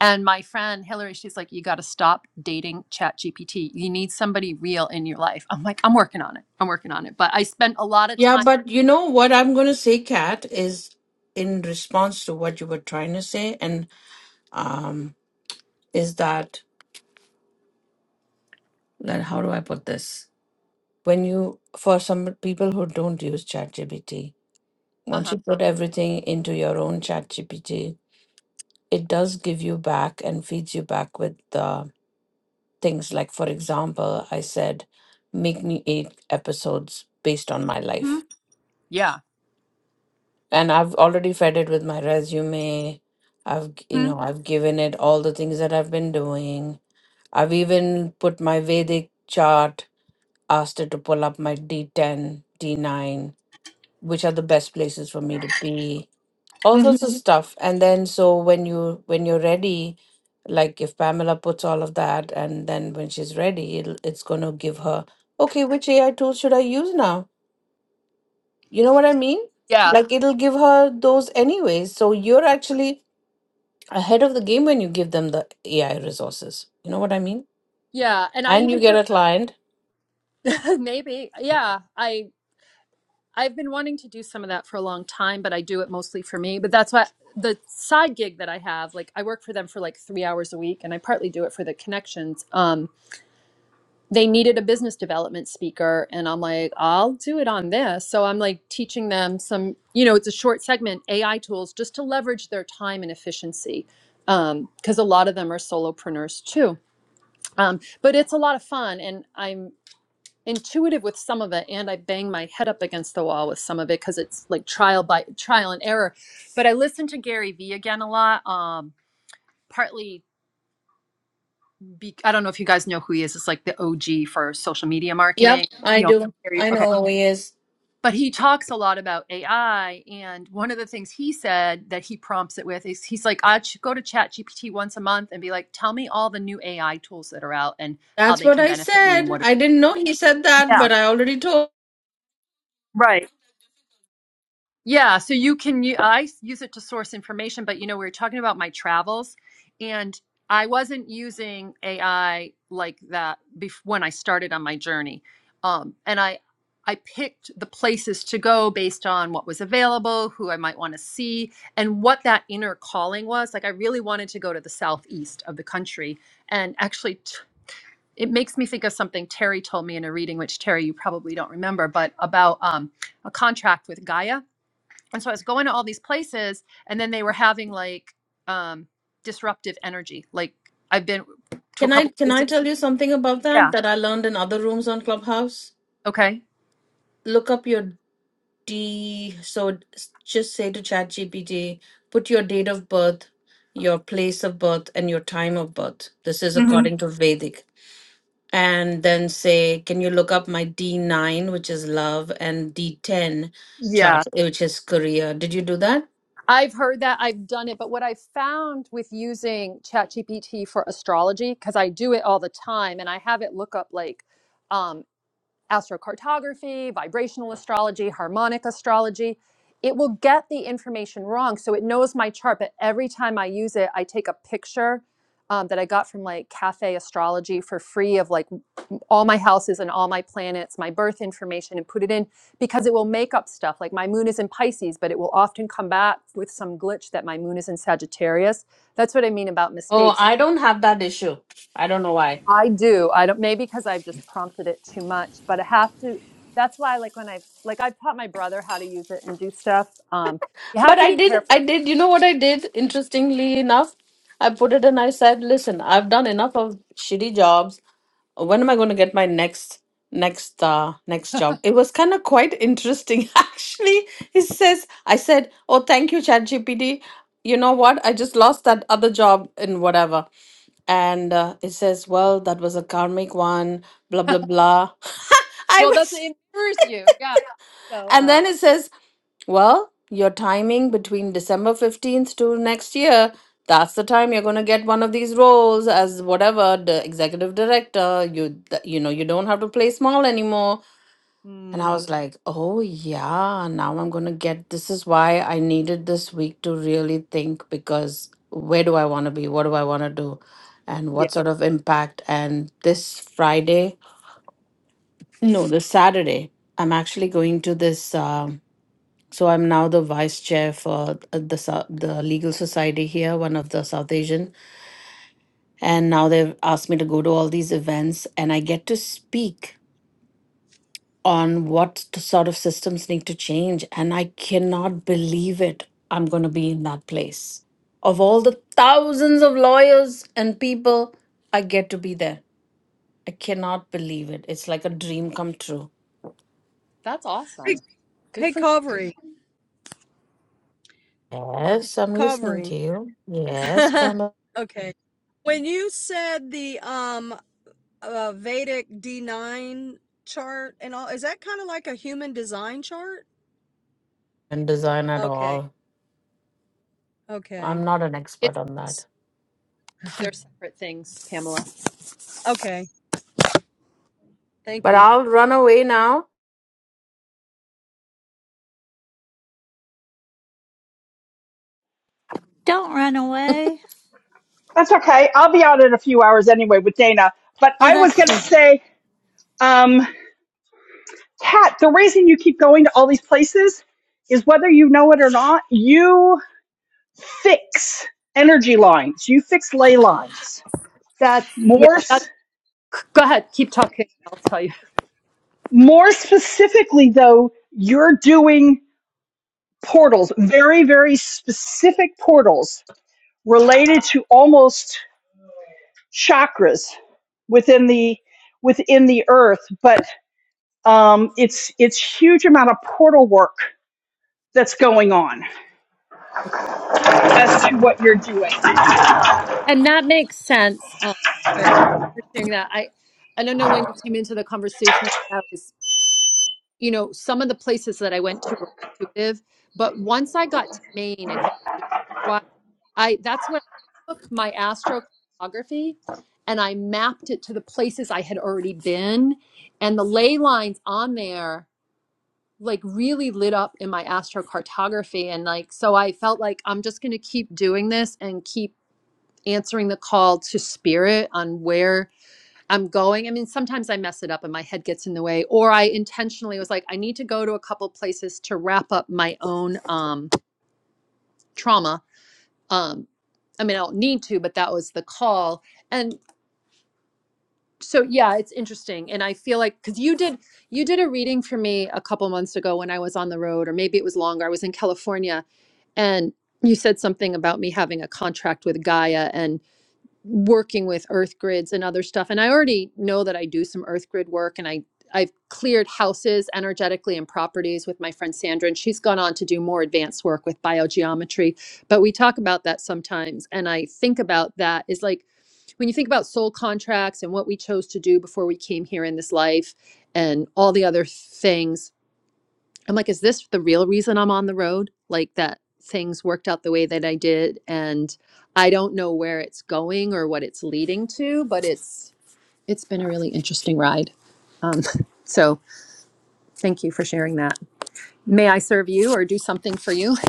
[SPEAKER 1] And my friend Hillary, she's like, "You got to stop dating Chat GPT. You need somebody real in your life." I'm like, "I'm working on it. I'm working on it." But I spent a lot of
[SPEAKER 3] Yeah,
[SPEAKER 1] time.
[SPEAKER 3] but you know what I'm going to say, Kat, is in response to what you were trying to say, and um, is that that how do I put this? When you for some people who don't use ChatGPT,
[SPEAKER 1] Uh
[SPEAKER 3] once
[SPEAKER 1] huh.
[SPEAKER 3] you put everything into your own ChatGPT, it does give you back and feeds you back with the things like, for example, I said, make me eight episodes based on my life.
[SPEAKER 1] Yeah.
[SPEAKER 3] And I've already fed it with my resume. I've, g- you
[SPEAKER 1] Mhm.
[SPEAKER 3] know, I've given it all the things that I've been doing. I've even put my Vedic chart, asked it to pull up my D10, D9, which are the best places for me to be all
[SPEAKER 1] hmm
[SPEAKER 3] sorts of Mhm. stuff and then so when you when you're ready like if pamela puts all of that and then when she's ready it'll, it's going to give her okay which ai tool should i use now you know what i mean
[SPEAKER 1] Yeah.
[SPEAKER 3] like it'll give her those anyways so you're actually ahead of the game when you give them the ai resources you know what i mean
[SPEAKER 1] Yeah, and I
[SPEAKER 3] and you
[SPEAKER 1] even
[SPEAKER 3] get a
[SPEAKER 1] heard
[SPEAKER 3] client
[SPEAKER 1] *laughs* maybe, yeah, I I've been wanting to do some of that for a long time, but I do it mostly for me. But that's what the side gig that I have, like I work for them for like three hours a week, and I partly do it for the connections. Um, they needed a business development speaker, and I'm like, I'll do it on this. So I'm like teaching them some, you know, it's a short segment, AI tools, just to leverage their time and efficiency, um, because a lot of them are solopreneurs too. um, but it's a lot of fun and i'm intuitive with some of it and i bang my head up against the wall with some of it because it's like trial by trial and error but i listen to gary vee again a lot um, partly be, i don't know if you guys know who he is it's like the og for social media
[SPEAKER 3] yep
[SPEAKER 1] marketing
[SPEAKER 3] i
[SPEAKER 1] you know
[SPEAKER 3] do
[SPEAKER 1] Gary-
[SPEAKER 3] i
[SPEAKER 1] okay
[SPEAKER 3] know who he is
[SPEAKER 1] but he talks a lot about ai and one of the things he said that he prompts it with is he's like i should go to chat gpt once a month and be like tell me all the new ai tools that are out and how
[SPEAKER 3] that's
[SPEAKER 1] they
[SPEAKER 3] what
[SPEAKER 1] can
[SPEAKER 3] i
[SPEAKER 1] benefit me and
[SPEAKER 3] said
[SPEAKER 1] what
[SPEAKER 3] i didn't know he said that
[SPEAKER 1] Yeah,
[SPEAKER 3] but i already told
[SPEAKER 1] right. Yeah, so you can u- I s- use it to source information, but you know, we were talking about my travels and I wasn't using AI like that bef when I started on my journey. Um, and I I picked the places to go based on what was available, who I might want to see, and what that inner calling was. Like I really wanted to go to the southeast of the country and actually t it makes me think of something Terry told me in a reading, which Terry, you probably don't remember, but about um, a contract with Gaia and so I was going to all these places, and then they were having like um, disruptive energy. Like I've been to a
[SPEAKER 3] Can I
[SPEAKER 1] couple
[SPEAKER 3] can
[SPEAKER 1] places.
[SPEAKER 3] I tell you something about that
[SPEAKER 1] Yeah.
[SPEAKER 3] that I learned in other rooms on Clubhouse?
[SPEAKER 1] Okay.
[SPEAKER 3] Look up your D. So s- just say to ChatGPT, put your date of birth, your place of birth, and your time of birth. This is
[SPEAKER 1] hmm
[SPEAKER 3] according to Vedic. And then say, can you look up my D9, which is love, and D10
[SPEAKER 1] Yeah.
[SPEAKER 3] chart, which is career. Did you do that?
[SPEAKER 1] I've heard that. I've done it. But what I found with using ChatGPT for astrology, because I do it all the time, and I have it look up like. um, astrocartography, vibrational astrology, harmonic astrology. It will get the information wrong. So it knows my chart, but every time I use it, I take a picture um, that I got from like Cafe Astrology for free of like all my houses and all my planets, my birth information, and put it in because it will make up stuff. Like my moon is in Pisces, but it will often come back with some glitch that my moon is in Sagittarius. That's what I mean about
[SPEAKER 3] Oh,
[SPEAKER 1] mistakes.
[SPEAKER 3] I don't have that issue. I don't know why.
[SPEAKER 1] I do. I don't, maybe because I've just prompted it too much, but I have to. That's why, like, when I, like, I've taught my brother how to use it and do stuff. Um, you have
[SPEAKER 3] But
[SPEAKER 1] to
[SPEAKER 3] I
[SPEAKER 1] be
[SPEAKER 3] did,
[SPEAKER 1] careful.
[SPEAKER 3] I did, you know what I did? Interestingly enough, I put it and I said, listen, I've done enough of shitty jobs. When am I going to get my next, next, uh, next job? It was kind of quite interesting, *laughs* actually. He says, I said, oh, thank you, ChatGPT. You know what? I just lost that other job in whatever. And uh, it says, well, that was a karmic one, blah, blah, blah. *laughs* I
[SPEAKER 1] Well, that's
[SPEAKER 3] was,
[SPEAKER 1] it mirrors you. Yeah. So,
[SPEAKER 3] and
[SPEAKER 1] um,
[SPEAKER 3] then it says, well, your timing between December 15th to next year, that's the time you're going to get one of these roles as whatever the executive director. You th- you know, you don't have to play small anymore. And I
[SPEAKER 1] Hmm.
[SPEAKER 3] was like, "Oh yeah, now I'm going to get this is why I needed this week to really think because where do I want to be? What do I want to do? And
[SPEAKER 1] yeah,
[SPEAKER 3] what sort of impact?" And this Friday, no, this Saturday, I'm actually going to this um so I'm now the vice chair for uh, the Sou- the legal society here, one of the South Asian, and now they've asked me to go to all these events, and I get to speak on what t- sort of systems need to change, and I cannot believe it. I'm going to be in that place. Of all the thousands of lawyers and people, I get to be there. I cannot believe it. It's like a dream come true.
[SPEAKER 1] That's
[SPEAKER 4] Hey,
[SPEAKER 1] awesome. Good
[SPEAKER 4] hey,
[SPEAKER 1] for you.
[SPEAKER 4] Covery.
[SPEAKER 3] Yes, I'm listening
[SPEAKER 4] Covery.
[SPEAKER 3] to you. Yes,
[SPEAKER 4] *laughs*
[SPEAKER 3] Pamela.
[SPEAKER 4] Okay. When you said the um uh, Vedic D9 chart and all, is that kind of like a human design chart?
[SPEAKER 3] And design at
[SPEAKER 4] Okay.
[SPEAKER 3] all. I'm
[SPEAKER 4] Okay.
[SPEAKER 3] not an expert
[SPEAKER 1] It's,
[SPEAKER 3] on that.
[SPEAKER 4] *laughs*
[SPEAKER 1] they're separate things, Pamela.
[SPEAKER 4] Okay. Thank
[SPEAKER 3] But
[SPEAKER 4] you.
[SPEAKER 3] I'll run away now.
[SPEAKER 2] Don't run away.
[SPEAKER 5] That's okay. I'll be out in a few hours anyway with Dana. But
[SPEAKER 2] Oh,
[SPEAKER 5] I was
[SPEAKER 2] that's
[SPEAKER 5] going to
[SPEAKER 2] true.
[SPEAKER 5] say, um, Kat, the reason you keep going to all these places is whether you know it or not, you fix energy lines, you fix ley lines.
[SPEAKER 1] that's, yeah,
[SPEAKER 5] More,
[SPEAKER 1] that's,
[SPEAKER 5] s-
[SPEAKER 1] go ahead. Keep talking. I'll tell you.
[SPEAKER 5] more specifically, though, you're doing portals, very, very specific portals related to almost chakras within the within the earth but um, it's it's huge amount of portal work that's going on as to what you're doing
[SPEAKER 1] And that makes sense. Um, for for sharing that, I I don't know when you came into the conversation. I was you know, some of the places that I went to were intuitive, but once I got to Maine and had been doing it for a while, I that's what I took my astrocartography and I mapped it to the places I had already been, and the ley lines on there like really lit up in my astrocartography and like so I felt like I'm just going to keep doing this and keep answering the call to spirit on where I'm going. I mean, sometimes I mess it up and my head gets in the way, or I intentionally was like, I need to go to a couple places to wrap up my own um, trauma. Um, I mean, I don't need to, but that was the call. And so, yeah, it's interesting. And I feel like because you did, you did a reading for me a couple months ago when I was on the road, or maybe it was longer. I was in California, and you said something about me having a contract with Gaia, and. working with earth grids and other stuff and i already know that i do some earth grid work and i i've cleared houses energetically and properties with my friend sandra and she's gone on to do more advanced work with biogeometry but we talk about that sometimes and i think about that is like when you think about soul contracts and what we chose to do before we came here in this life and all the other things I'm like, is this the real reason I'm on the road? Like that things worked out the way that I did and I don't know where it's going or what it's leading to, but it's it's been a really interesting ride. Um, *laughs* so thank you for sharing that. May I serve you or do something for you? *laughs*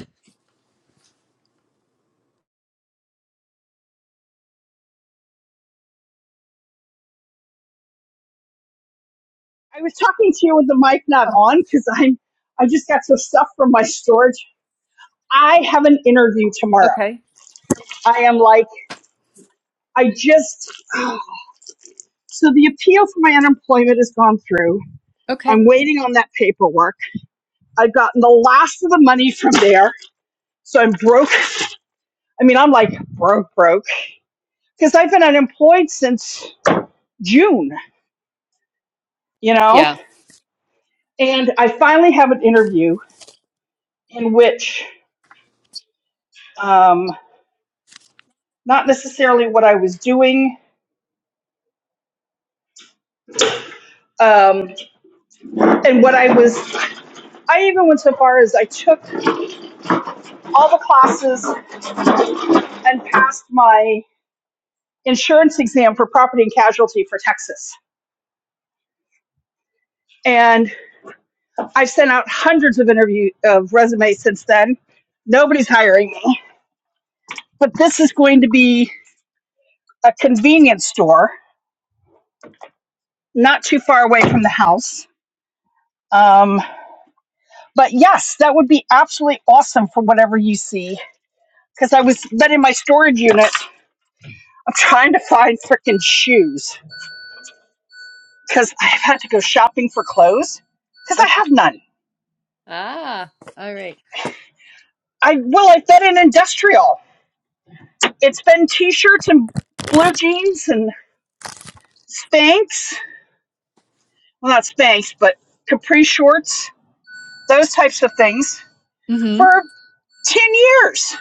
[SPEAKER 5] i was talking to you with the mic not
[SPEAKER 1] Oh,
[SPEAKER 5] on because i'm i just got some stuff from my storage i have an interview tomorrow
[SPEAKER 1] okay.
[SPEAKER 5] i am like i just so the appeal for my unemployment has gone through
[SPEAKER 1] Okay.
[SPEAKER 5] i'm waiting on that paperwork i've gotten the last of the money from there so i'm broke i mean i'm like broke broke because I've been unemployed since June, you know,
[SPEAKER 1] Yeah.
[SPEAKER 5] and I finally have an interview in which, um, not necessarily what I was doing, um, and what I was, I even went so far as I took all the classes and passed my insurance exam for property and casualty for Texas. And I've sent out hundreds of interview of resumes since then. Nobody's hiring me, but this is going to be a convenience store not too far away from the house. Um, but yes, that would be absolutely awesome for whatever you see. Because I was then in my storage unit, I'm trying to find freaking shoes because I've had to go shopping for clothes because I
[SPEAKER 1] Okay.
[SPEAKER 5] have none.
[SPEAKER 1] Ah, all right.
[SPEAKER 5] I well, I've been in industrial. It's been t-shirts and blue jeans and Spanx. Well, not Spanx, but capri shorts, those types of things
[SPEAKER 1] Mm-hmm.
[SPEAKER 5] for ten years.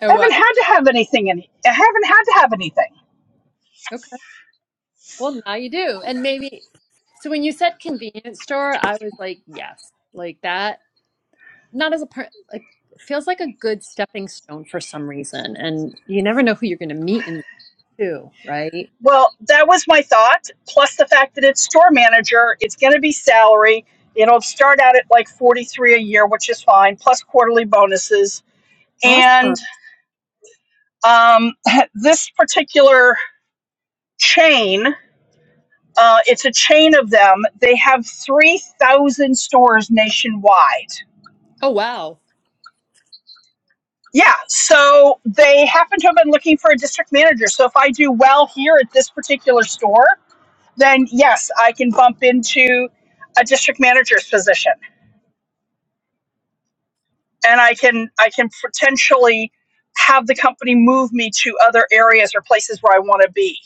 [SPEAKER 1] Oh
[SPEAKER 5] I haven't
[SPEAKER 1] wow.
[SPEAKER 5] had to have anything in. I haven't had to have anything.
[SPEAKER 1] Okay. Well now you do. And maybe so when you said convenience store, I was like, yes, like that not as a part like feels like a good stepping stone for some reason and you never know who you're going to meet in two right
[SPEAKER 5] Well, that was my thought. Plus the fact that it's store manager, it's going to be salary. It'll start out at like 43 a year, which is fine, plus quarterly bonuses. And
[SPEAKER 1] awesome
[SPEAKER 5] um, *laughs* this particular chain, uh, it's a chain of them. They have 3,000 stores nationwide.
[SPEAKER 1] oh wow
[SPEAKER 5] Yeah, so they happen to have been looking for a district manager. So if I do well here at this particular store, then yes, I can bump into a district manager's position. and I can I can potentially have the company move me to other areas or places where I want to be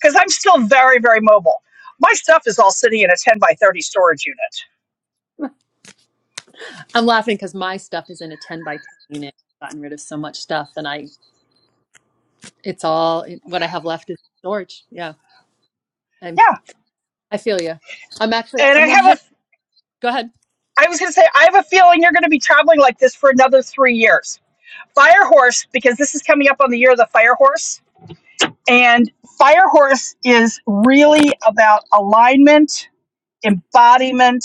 [SPEAKER 5] because I'm still very very mobile. My stuff is all sitting in a 10 by 30 storage unit.
[SPEAKER 1] i'm laughing because my stuff is in a 10 by 10 unit i've gotten rid of so much stuff and i it's all it, what i have left is storage yeah i'm
[SPEAKER 5] Yeah,
[SPEAKER 1] i feel you i'm actually
[SPEAKER 5] and
[SPEAKER 1] i'm
[SPEAKER 5] I
[SPEAKER 1] not
[SPEAKER 5] have
[SPEAKER 1] head
[SPEAKER 5] a
[SPEAKER 1] go ahead
[SPEAKER 5] I was going to say I have a feeling you're going to be traveling like this for another 3 years. Firehorse because this is coming up on the year of the Firehorse and Firehorse is really about alignment, embodiment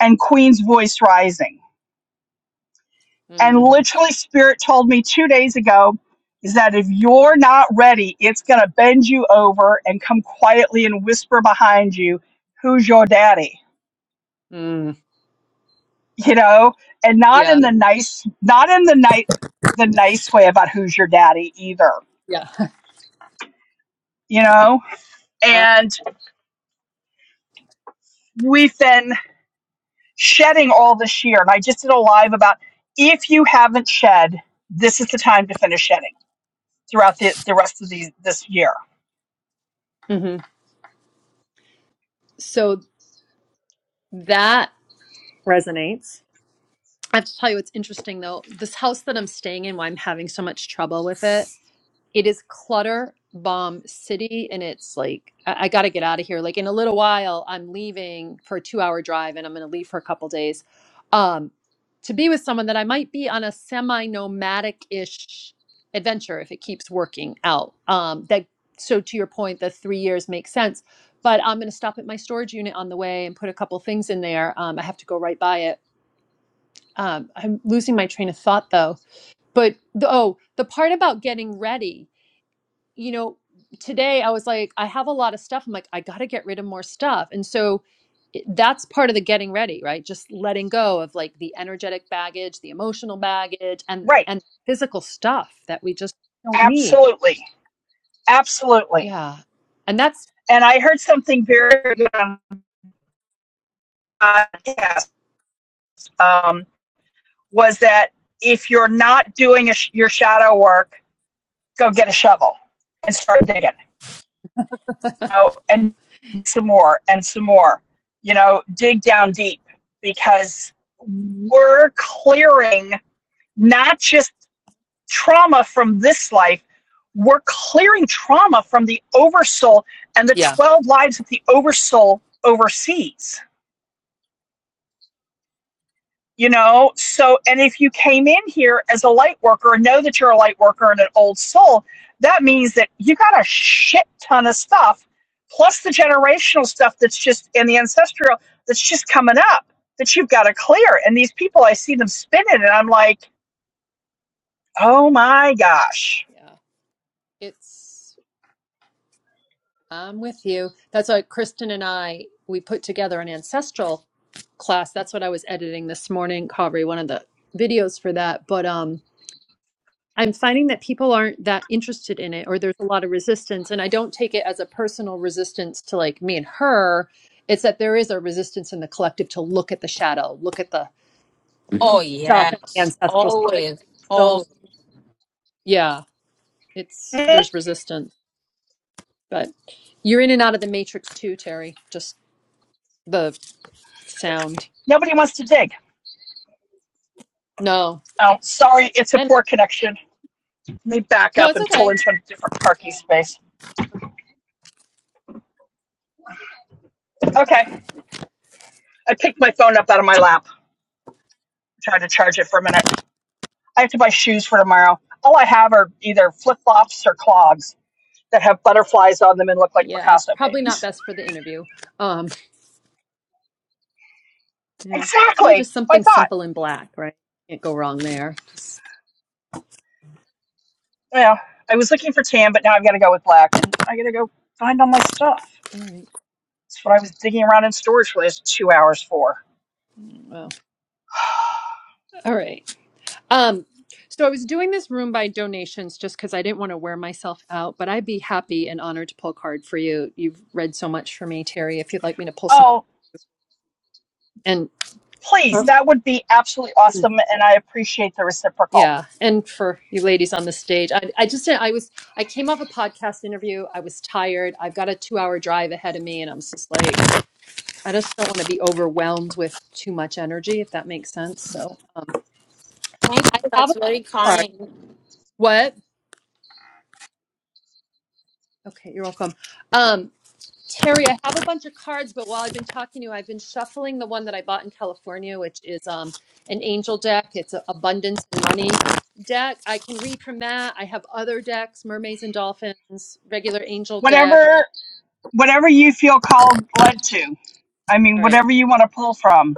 [SPEAKER 5] and Queen's voice rising. And
[SPEAKER 1] mm,
[SPEAKER 5] literally, Spirit told me two days ago is that if you're not ready, it's going to bend you over and come quietly and whisper behind you, "Who's your daddy?"
[SPEAKER 1] mm,
[SPEAKER 5] You know, and not
[SPEAKER 1] yeah
[SPEAKER 5] in the nice, not in the night, the nice way about who's your daddy either.
[SPEAKER 1] yeah
[SPEAKER 5] You know,
[SPEAKER 1] *laughs* I,
[SPEAKER 5] and we've been shedding all this year, and I just did a live about if you haven't shed, this is the time to finish shedding throughout the, the rest of the, this year.
[SPEAKER 1] mhm. so that resonates I have to tell you what's interesting though. This house that I'm staying in, why I'm having so much trouble with it, It is clutter bomb city, and it's like I, I got to get out of here. Like in a little while, I'm leaving for a two hour drive, and I'm going to leave for a couple days, um, to be with someone that I might be on a semi nomadic ish adventure if it keeps working out. Um, that so to your point, the three years makes sense. But I'm going to stop at my storage unit on the way and put a couple things in there. Um, I have to go right by it. Um, I'm losing my train of thought though. But the, oh, the part about getting ready you know, today I was like, I have a lot of stuff. I'm like, I got to get rid of more stuff. And so it- that's part of the getting ready, right? Just letting go of like the energetic baggage, the emotional baggage and
[SPEAKER 5] Right.
[SPEAKER 1] and physical stuff that we just don't need.
[SPEAKER 5] Absolutely. Absolutely.
[SPEAKER 1] Yeah. And that's
[SPEAKER 5] And I heard something very good on the podcast um, was that if you're not doing a your shadow work, go get a shovel and start digging. You know, and some more and some more. You know, dig down deep because we're clearing not just trauma from this life, we're clearing trauma from the oversoul and the
[SPEAKER 1] yeah.
[SPEAKER 5] 12 lives that the oversoul oversees you know so and if you came in here as a light worker and know that you're a light worker and an old soul that means that you got a shit ton of stuff plus the generational stuff that's just and the ancestral that's just coming up that you've got to clear and these people i see them spinning and i'm like oh my gosh
[SPEAKER 1] Yeah. It's I'm with you. That's why Kristen and I we put together an ancestral class. That's what I was editing this morning, Kavri, one of the videos for that. But um I'm finding that people aren't that interested in it, or there's a lot of resistance. And I don't take it as a personal resistance to like me and her. It's that there is a resistance in the collective to look at the shadow, look at the
[SPEAKER 3] Oh, *laughs*
[SPEAKER 1] stuff and the
[SPEAKER 3] yes.
[SPEAKER 1] ancestral. stuff. Like,
[SPEAKER 3] Always.
[SPEAKER 1] don't,
[SPEAKER 3] Always.
[SPEAKER 1] yeah, it's there's resistance. But you're in and out of the matrix too, Terry. Just the sound.
[SPEAKER 5] nobody wants to dig
[SPEAKER 1] No,
[SPEAKER 5] oh sorry it's a
[SPEAKER 1] and
[SPEAKER 5] poor connection let me back
[SPEAKER 1] no,
[SPEAKER 5] up
[SPEAKER 1] it's
[SPEAKER 5] and pull
[SPEAKER 1] okay.
[SPEAKER 5] into a different parking space okay
[SPEAKER 1] Okay.
[SPEAKER 5] i picked my phone up out of my lap tried to charge it for a minute I have to buy shoes for tomorrow. All I have are either flip flops or clogs that have butterflies on them and look like
[SPEAKER 1] Yeah,
[SPEAKER 5] Picasso
[SPEAKER 1] probably not
[SPEAKER 5] paintings.
[SPEAKER 1] best for the interview. Um, yeah, Oh,
[SPEAKER 5] Exactly.
[SPEAKER 1] just
[SPEAKER 5] I
[SPEAKER 1] something
[SPEAKER 5] thought.
[SPEAKER 1] simple and black, right? Can't go wrong there.
[SPEAKER 5] Yeah. I was looking for tan, but now I've got to go with black and I got to go find all my stuff.
[SPEAKER 1] All right.
[SPEAKER 5] That's what I was digging around in storage for the last two hours for.
[SPEAKER 1] Well,
[SPEAKER 5] *sighs*
[SPEAKER 1] all right. Um, so I was doing this room by donations just because I didn't want to wear myself out, but I'd be happy and honored to pull a card for you. You've read so much for me, Terry. If you'd like me to pull some,
[SPEAKER 5] Oh,
[SPEAKER 1] and
[SPEAKER 5] please. That would be absolutely awesome. And I appreciate the reciprocal.
[SPEAKER 1] yeah, and for you ladies on the stage, I, I just I was I came off a podcast interview. I was tired. I've got a two-hour drive ahead of me, and I'm just like I just don't want to be overwhelmed with too much energy, if that makes sense. So um,
[SPEAKER 3] Thank
[SPEAKER 1] I
[SPEAKER 3] you.
[SPEAKER 1] have
[SPEAKER 3] That's
[SPEAKER 1] a
[SPEAKER 3] very
[SPEAKER 1] card.
[SPEAKER 3] kind.
[SPEAKER 1] What? Okay, you're welcome. Um, Terry, I have a bunch of cards, but while I've been talking to you, I've been shuffling the one that I bought in California, which is um, an angel deck. It's an abundance and money deck. I can read from that. I have other decks, mermaids and dolphins, regular angel deck.
[SPEAKER 5] Whatever, whatever you feel called led to. I mean,
[SPEAKER 1] All right.
[SPEAKER 5] whatever you want to pull from.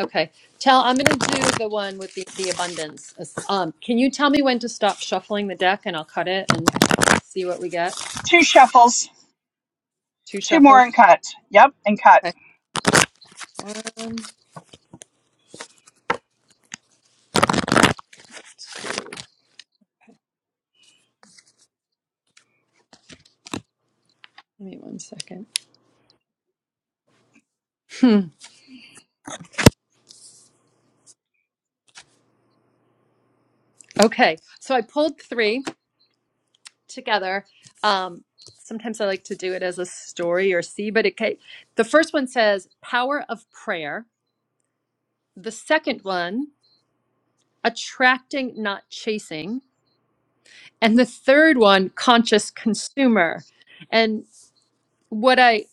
[SPEAKER 1] Okay. Tell, I'm going to do the one with the, the abundance. Um, can you tell me when to stop shuffling the deck and I'll cut it and see what we get?
[SPEAKER 5] Two shuffles.
[SPEAKER 1] Two
[SPEAKER 5] Two more and
[SPEAKER 1] shuffles.
[SPEAKER 5] cut. Yep, and cut.
[SPEAKER 1] Okay. One, two. Give me one second. Hmm. Okay. So I pulled three. together. Um, sometimes I like to do it as a story or see, but it ca- the first one says power of prayer. The second one, attracting, not chasing. And the third one, conscious consumer. And what I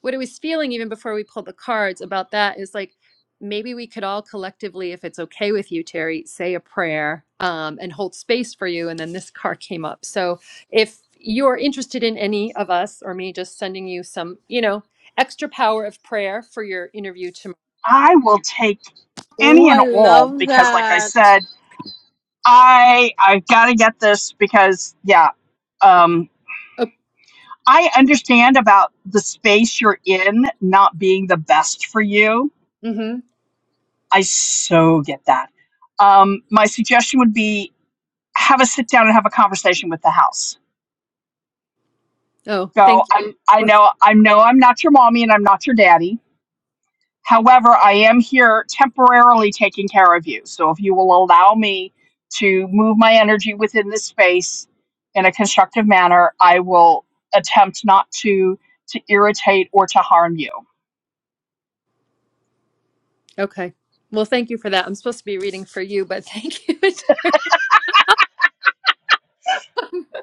[SPEAKER 1] what I was feeling even before we pulled the cards about that is like maybe we could all collectively, if it's okay with you, Terry, say a prayer um, and hold space for you. And then this card came up. So if you're interested in any of us or me just sending you some, you know, extra power of prayer for your interview tomorrow.
[SPEAKER 5] I will take
[SPEAKER 3] Oh,
[SPEAKER 5] any and
[SPEAKER 3] I
[SPEAKER 5] all
[SPEAKER 3] love
[SPEAKER 5] because, like I
[SPEAKER 3] that.
[SPEAKER 5] said, I I've got to get this because, yeah, um,
[SPEAKER 1] Oh,
[SPEAKER 5] I understand about the space you're in not being the best for you.
[SPEAKER 1] hmm
[SPEAKER 5] I so get that. Um, my suggestion would be have a sit down and have a conversation with the house.
[SPEAKER 1] oh
[SPEAKER 5] Go.
[SPEAKER 1] thank you.
[SPEAKER 5] I I
[SPEAKER 1] Well,
[SPEAKER 5] know I know I'm not your mommy and I'm not your daddy However, I am here temporarily taking care of you. So if you will allow me to move my energy within this space in a constructive manner, I will attempt not to to irritate or to harm you.
[SPEAKER 1] okay. Well, thank you for that. I'm supposed to be reading for you, but thank you.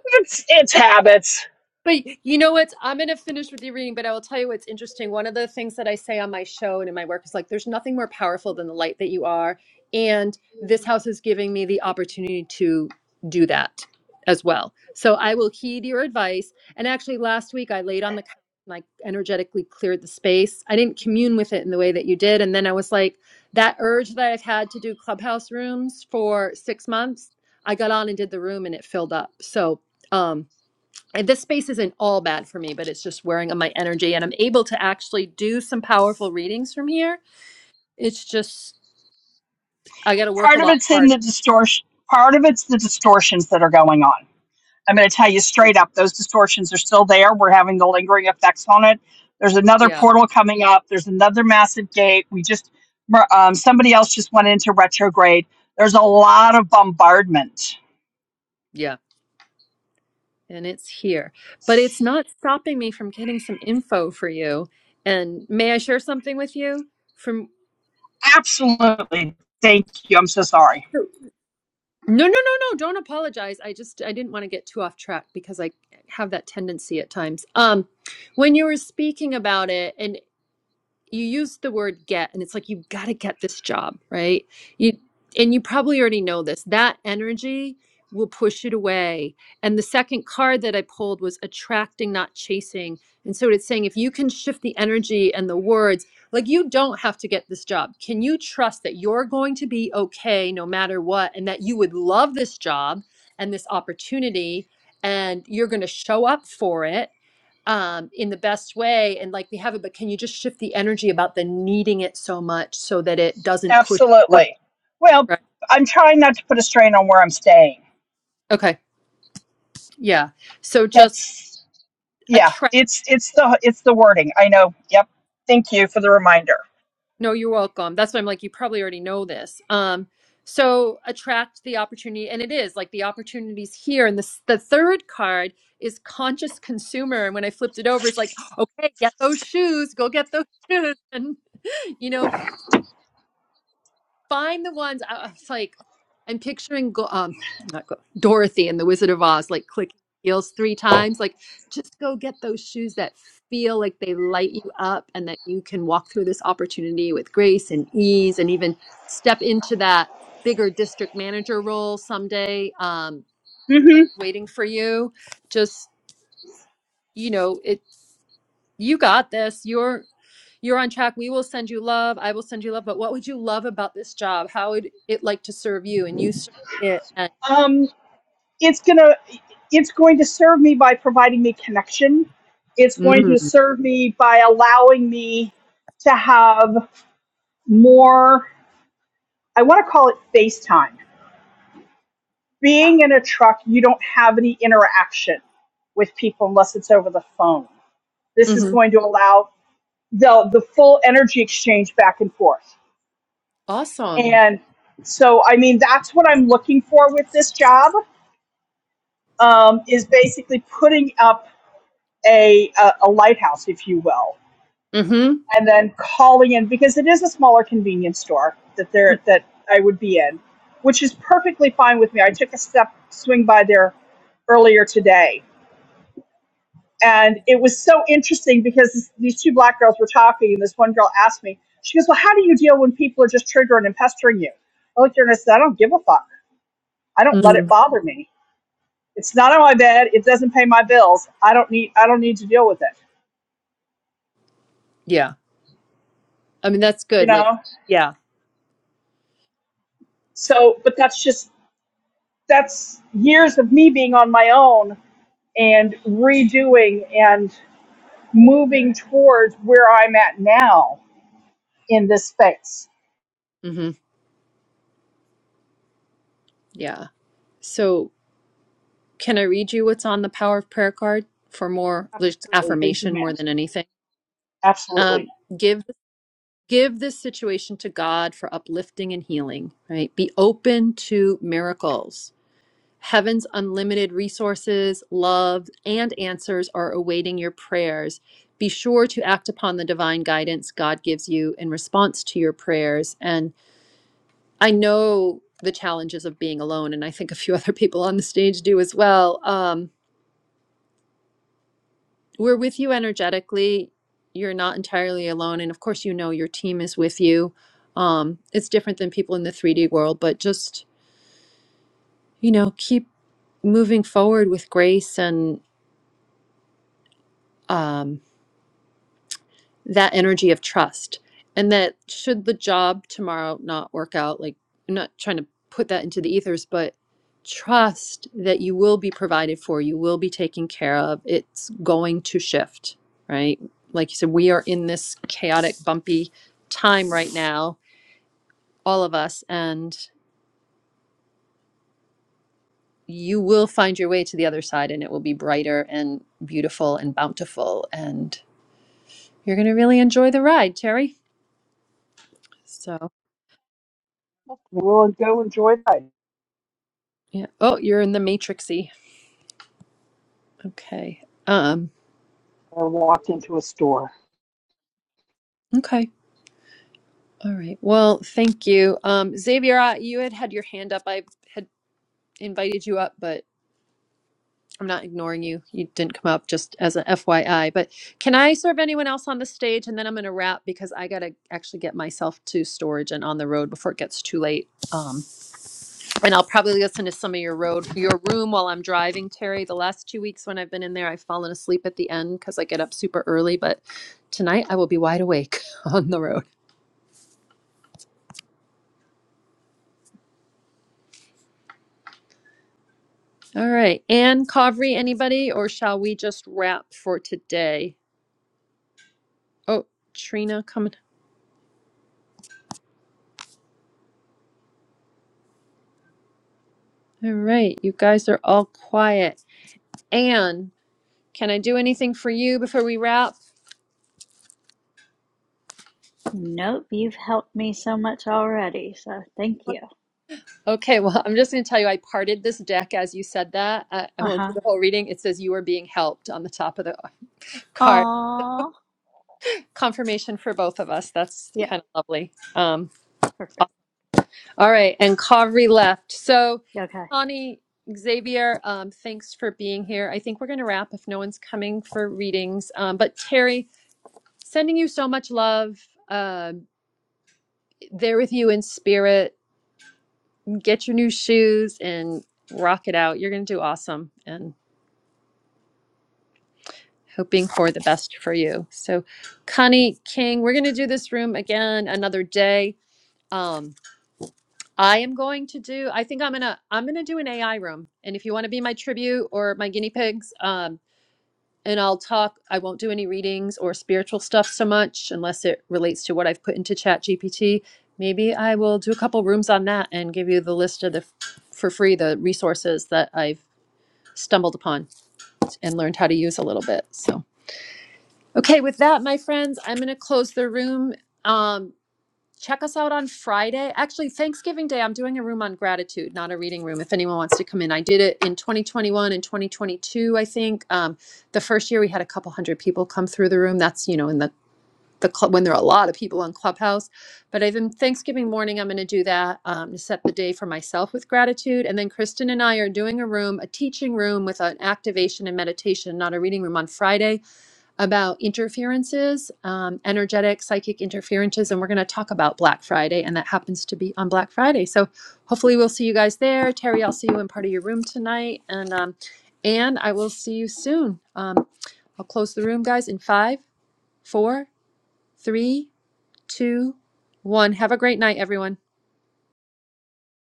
[SPEAKER 5] It's
[SPEAKER 1] *laughs*
[SPEAKER 5] it's habits.
[SPEAKER 1] But you know what? I'm going to finish with your reading, but I will tell you what's interesting. One of the things that I say on my show and in my work is like, there's nothing more powerful than the light that you are. And this house is giving me the opportunity to do that as well. So I will heed your advice. And actually, last week I laid on the couch and I energetically cleared the space. I didn't commune with it in the way that you did. And then I was like, that urge that I've had to do clubhouse rooms for six months, I got on and did the room and it filled up. So, um, and this space isn't all bad for me, but it's just wearing on my energy. And I'm able to actually do some powerful readings from here. It's just, I got to work a
[SPEAKER 5] Part of
[SPEAKER 1] lot
[SPEAKER 5] it's in
[SPEAKER 1] harder.
[SPEAKER 5] the distortion. Part of it's the distortions that are going on. I'm going to tell you
[SPEAKER 1] Yeah.
[SPEAKER 5] straight up, those distortions are still there. We're having the lingering effects on it. There's another
[SPEAKER 1] Yeah.
[SPEAKER 5] portal coming up. There's another massive gate. We just, um, somebody else just went into retrograde. There's a lot of bombardment.
[SPEAKER 1] Yeah. And it's here. But it's not stopping me from getting some info for you. And may I share something with you? From
[SPEAKER 5] Absolutely. Thank you. I'm so
[SPEAKER 1] okay.
[SPEAKER 5] sorry.
[SPEAKER 1] So- no, no, no, no. Don't apologize. I just I didn't want to get too off track because I have that tendency at times. Um, when you were speaking about it, and. you used the word get and it's like you got to get this job right you and you probably already know this that energy will push it away and the second card that i pulled was attracting not chasing and so it's saying if you can shift the energy and the words like you don't have to get this job can you trust that you're going to be okay no matter what and that you would love this job and this opportunity and you're going to show up for it um, in the best way and like we have it, but can you just shift the energy about the needing it so much so that it doesn't push away?
[SPEAKER 5] Absolutely. Well,
[SPEAKER 1] Right.
[SPEAKER 5] I'm trying not to put a strain on where I'm staying.
[SPEAKER 1] Okay. Yeah. So just
[SPEAKER 5] That's yeah.
[SPEAKER 1] attract.
[SPEAKER 5] It's it's the it's the wording. I know. Yep. Thank you for the reminder.
[SPEAKER 1] No, you're welcome. That's why I'm like, you probably already know this. Um, so attract the opportunity, and it is like the opportunities here. And this, the third card is conscious consumer. And when I flipped it over, it's like, okay, get those shoes, go get those shoes, *laughs* and you know, find the ones. I I was like, I'm picturing go- um, not go- Dorothy in The Wizard of Oz, like clicking heels three times. Like, just go get those shoes that feel like they light you up and that you can walk through this opportunity with grace and ease and even step into that bigger district manager role someday, um,
[SPEAKER 5] Mm-hmm.
[SPEAKER 1] waiting for you. Just, you know, it, you got this. You're, you're on track. We will send you love. I will send you love. But what would you love about this job? How would it like to serve you? And you serve it.
[SPEAKER 5] Um, it's gonna it's going to serve me by providing me connection it's going
[SPEAKER 1] And,
[SPEAKER 5] to serve me by allowing me to have more i want to call it face time being in a truck you don't have any interaction with people unless it's over the phone this is
[SPEAKER 1] hmm
[SPEAKER 5] going to allow the the full energy exchange back and forth
[SPEAKER 1] Awesome.
[SPEAKER 5] and so i mean that's what i'm looking for with this job um, is basically putting up a, a a lighthouse if you will
[SPEAKER 1] hmm
[SPEAKER 5] and then calling in because it is a smaller convenience store that there that I would be in, which is perfectly fine with me. I took a step swing by there earlier today, and it was so interesting because these two black girls were talking, and this one girl asked me, she goes, "Well, how do you deal when people are just triggering and pestering you?" I looked at her and I said, "I don't give a fuck. I don't let it
[SPEAKER 1] mm
[SPEAKER 5] bother me. It's not on my bed. It doesn't pay my bills. I don't need I don't need to deal with it.
[SPEAKER 1] Yeah. I mean, that's
[SPEAKER 5] You
[SPEAKER 1] good. Like,
[SPEAKER 5] know."
[SPEAKER 1] yeah.
[SPEAKER 5] So, but that's just that's years of me being on my own and redoing and moving towards where I'm at now in this space.
[SPEAKER 1] hmm Yeah. So, can I read you what's on the power of prayer card for more just
[SPEAKER 5] Absolutely. Thank you,
[SPEAKER 1] affirmation more
[SPEAKER 5] ma'am.
[SPEAKER 1] than anything?
[SPEAKER 5] Absolutely.
[SPEAKER 1] Um, give give this situation to God for uplifting and healing. Right. Be open to miracles. Heaven's unlimited resources, love, and answers are awaiting your prayers. Be sure to act upon the divine guidance God gives you in response to your prayers. And I know the challenges of being alone, and I think a few *laughs* other people on the stage do as well. Um, we're with you energetically. You're not entirely alone. And of course, you know your team is with you. Um, it's different than people in the 3D world, but just, you know, keep moving forward with grace and, um, that energy of trust and that should the job tomorrow not work out like i'm not trying to put that into the ethers but trust that you will be provided for you will be taken care of it's going to shift right like you said we are in this chaotic bumpy time right now all of us and you will find your way to the other side and it will be brighter and beautiful and bountiful and you're going to really enjoy the ride terry so
[SPEAKER 5] We'll go enjoy that.
[SPEAKER 1] yeah oh you're in the matrixy Okay. Um,
[SPEAKER 5] I walked into a store.
[SPEAKER 1] okay. All right. Well, thank you. Um, Xavier, I, you had had your hand up. I had invited you up, but I'm not ignoring you. You didn't come up just as an FYI. But can I serve anyone else on the stage? And then I'm going to wrap because I got to actually get myself to storage and on the road before it gets too late. Um, and I'll probably listen to some of your road, your room while I'm driving, Terry. The last two weeks when I've been in there, I've fallen asleep at the end because I get up super early. But tonight I will be wide awake *laughs* on the road. All right. Anne, Kavri, anybody, or shall we just wrap for today? Oh, Trina coming. All right. You guys are all quiet. Anne, can I do anything for you before we wrap?
[SPEAKER 2] Nope, you've helped me so much already, so thank you.
[SPEAKER 1] Okay. Well, *laughs* I'm just going to tell you, I parted this deck as you said that. I, I
[SPEAKER 2] Uh
[SPEAKER 1] won't do
[SPEAKER 2] huh.
[SPEAKER 1] the whole reading. It says you are being helped on the top of the card.
[SPEAKER 2] Aww.
[SPEAKER 1] Confirmation for both of us. That's
[SPEAKER 2] Yeah,
[SPEAKER 1] kind of lovely. Um,
[SPEAKER 2] perfect.
[SPEAKER 1] All right, and Kavri left. So,
[SPEAKER 2] Okay.
[SPEAKER 1] Connie, Xavier, um, thanks for being here. I think we're going to wrap if no one's coming for readings. Um, but Terry, sending you so much love. Uh, there with you in spirit. Get your new shoes and rock it out. You're going to do awesome, and hoping for the best for you. So, Connie King, we're going to do this room again another day. Um, I am going to do, I think I'm gonna I'm gonna do an AI room. And if you want to be my tribute or my guinea pigs, um, and I'll talk, I won't do any readings or spiritual stuff so much unless it relates to what I've put into Chat GPT. Maybe I will do a couple rooms on that and give you the list of the for free the resources that I've stumbled upon and learned how to use a little bit. So okay, with that, my friends, I'm gonna close the room. Um, check us out on Friday. Actually, Thanksgiving Day, I'm doing a room on gratitude, not a reading room. If anyone wants to come in, I did it in 2021 and 2022. I think um, the first year we had a couple hundred people come through the room. That's you know in the the club when there are a lot of people on Clubhouse. But I think Thanksgiving morning, I'm going to do that um, to set the day for myself with gratitude. And then Kristen and I are doing a room, a teaching room with an activation and meditation, not a reading room on Friday about interferences, um, energetic psychic interferences, and we're going to talk about Black Friday, and that happens to be on Black Friday. So hopefully we'll see you guys there. Terry, I'll see you in part of your room tonight, and um, and I will see you soon. Um, I'll close the room, guys, in five, four, three, two, one. Have a great night, everyone.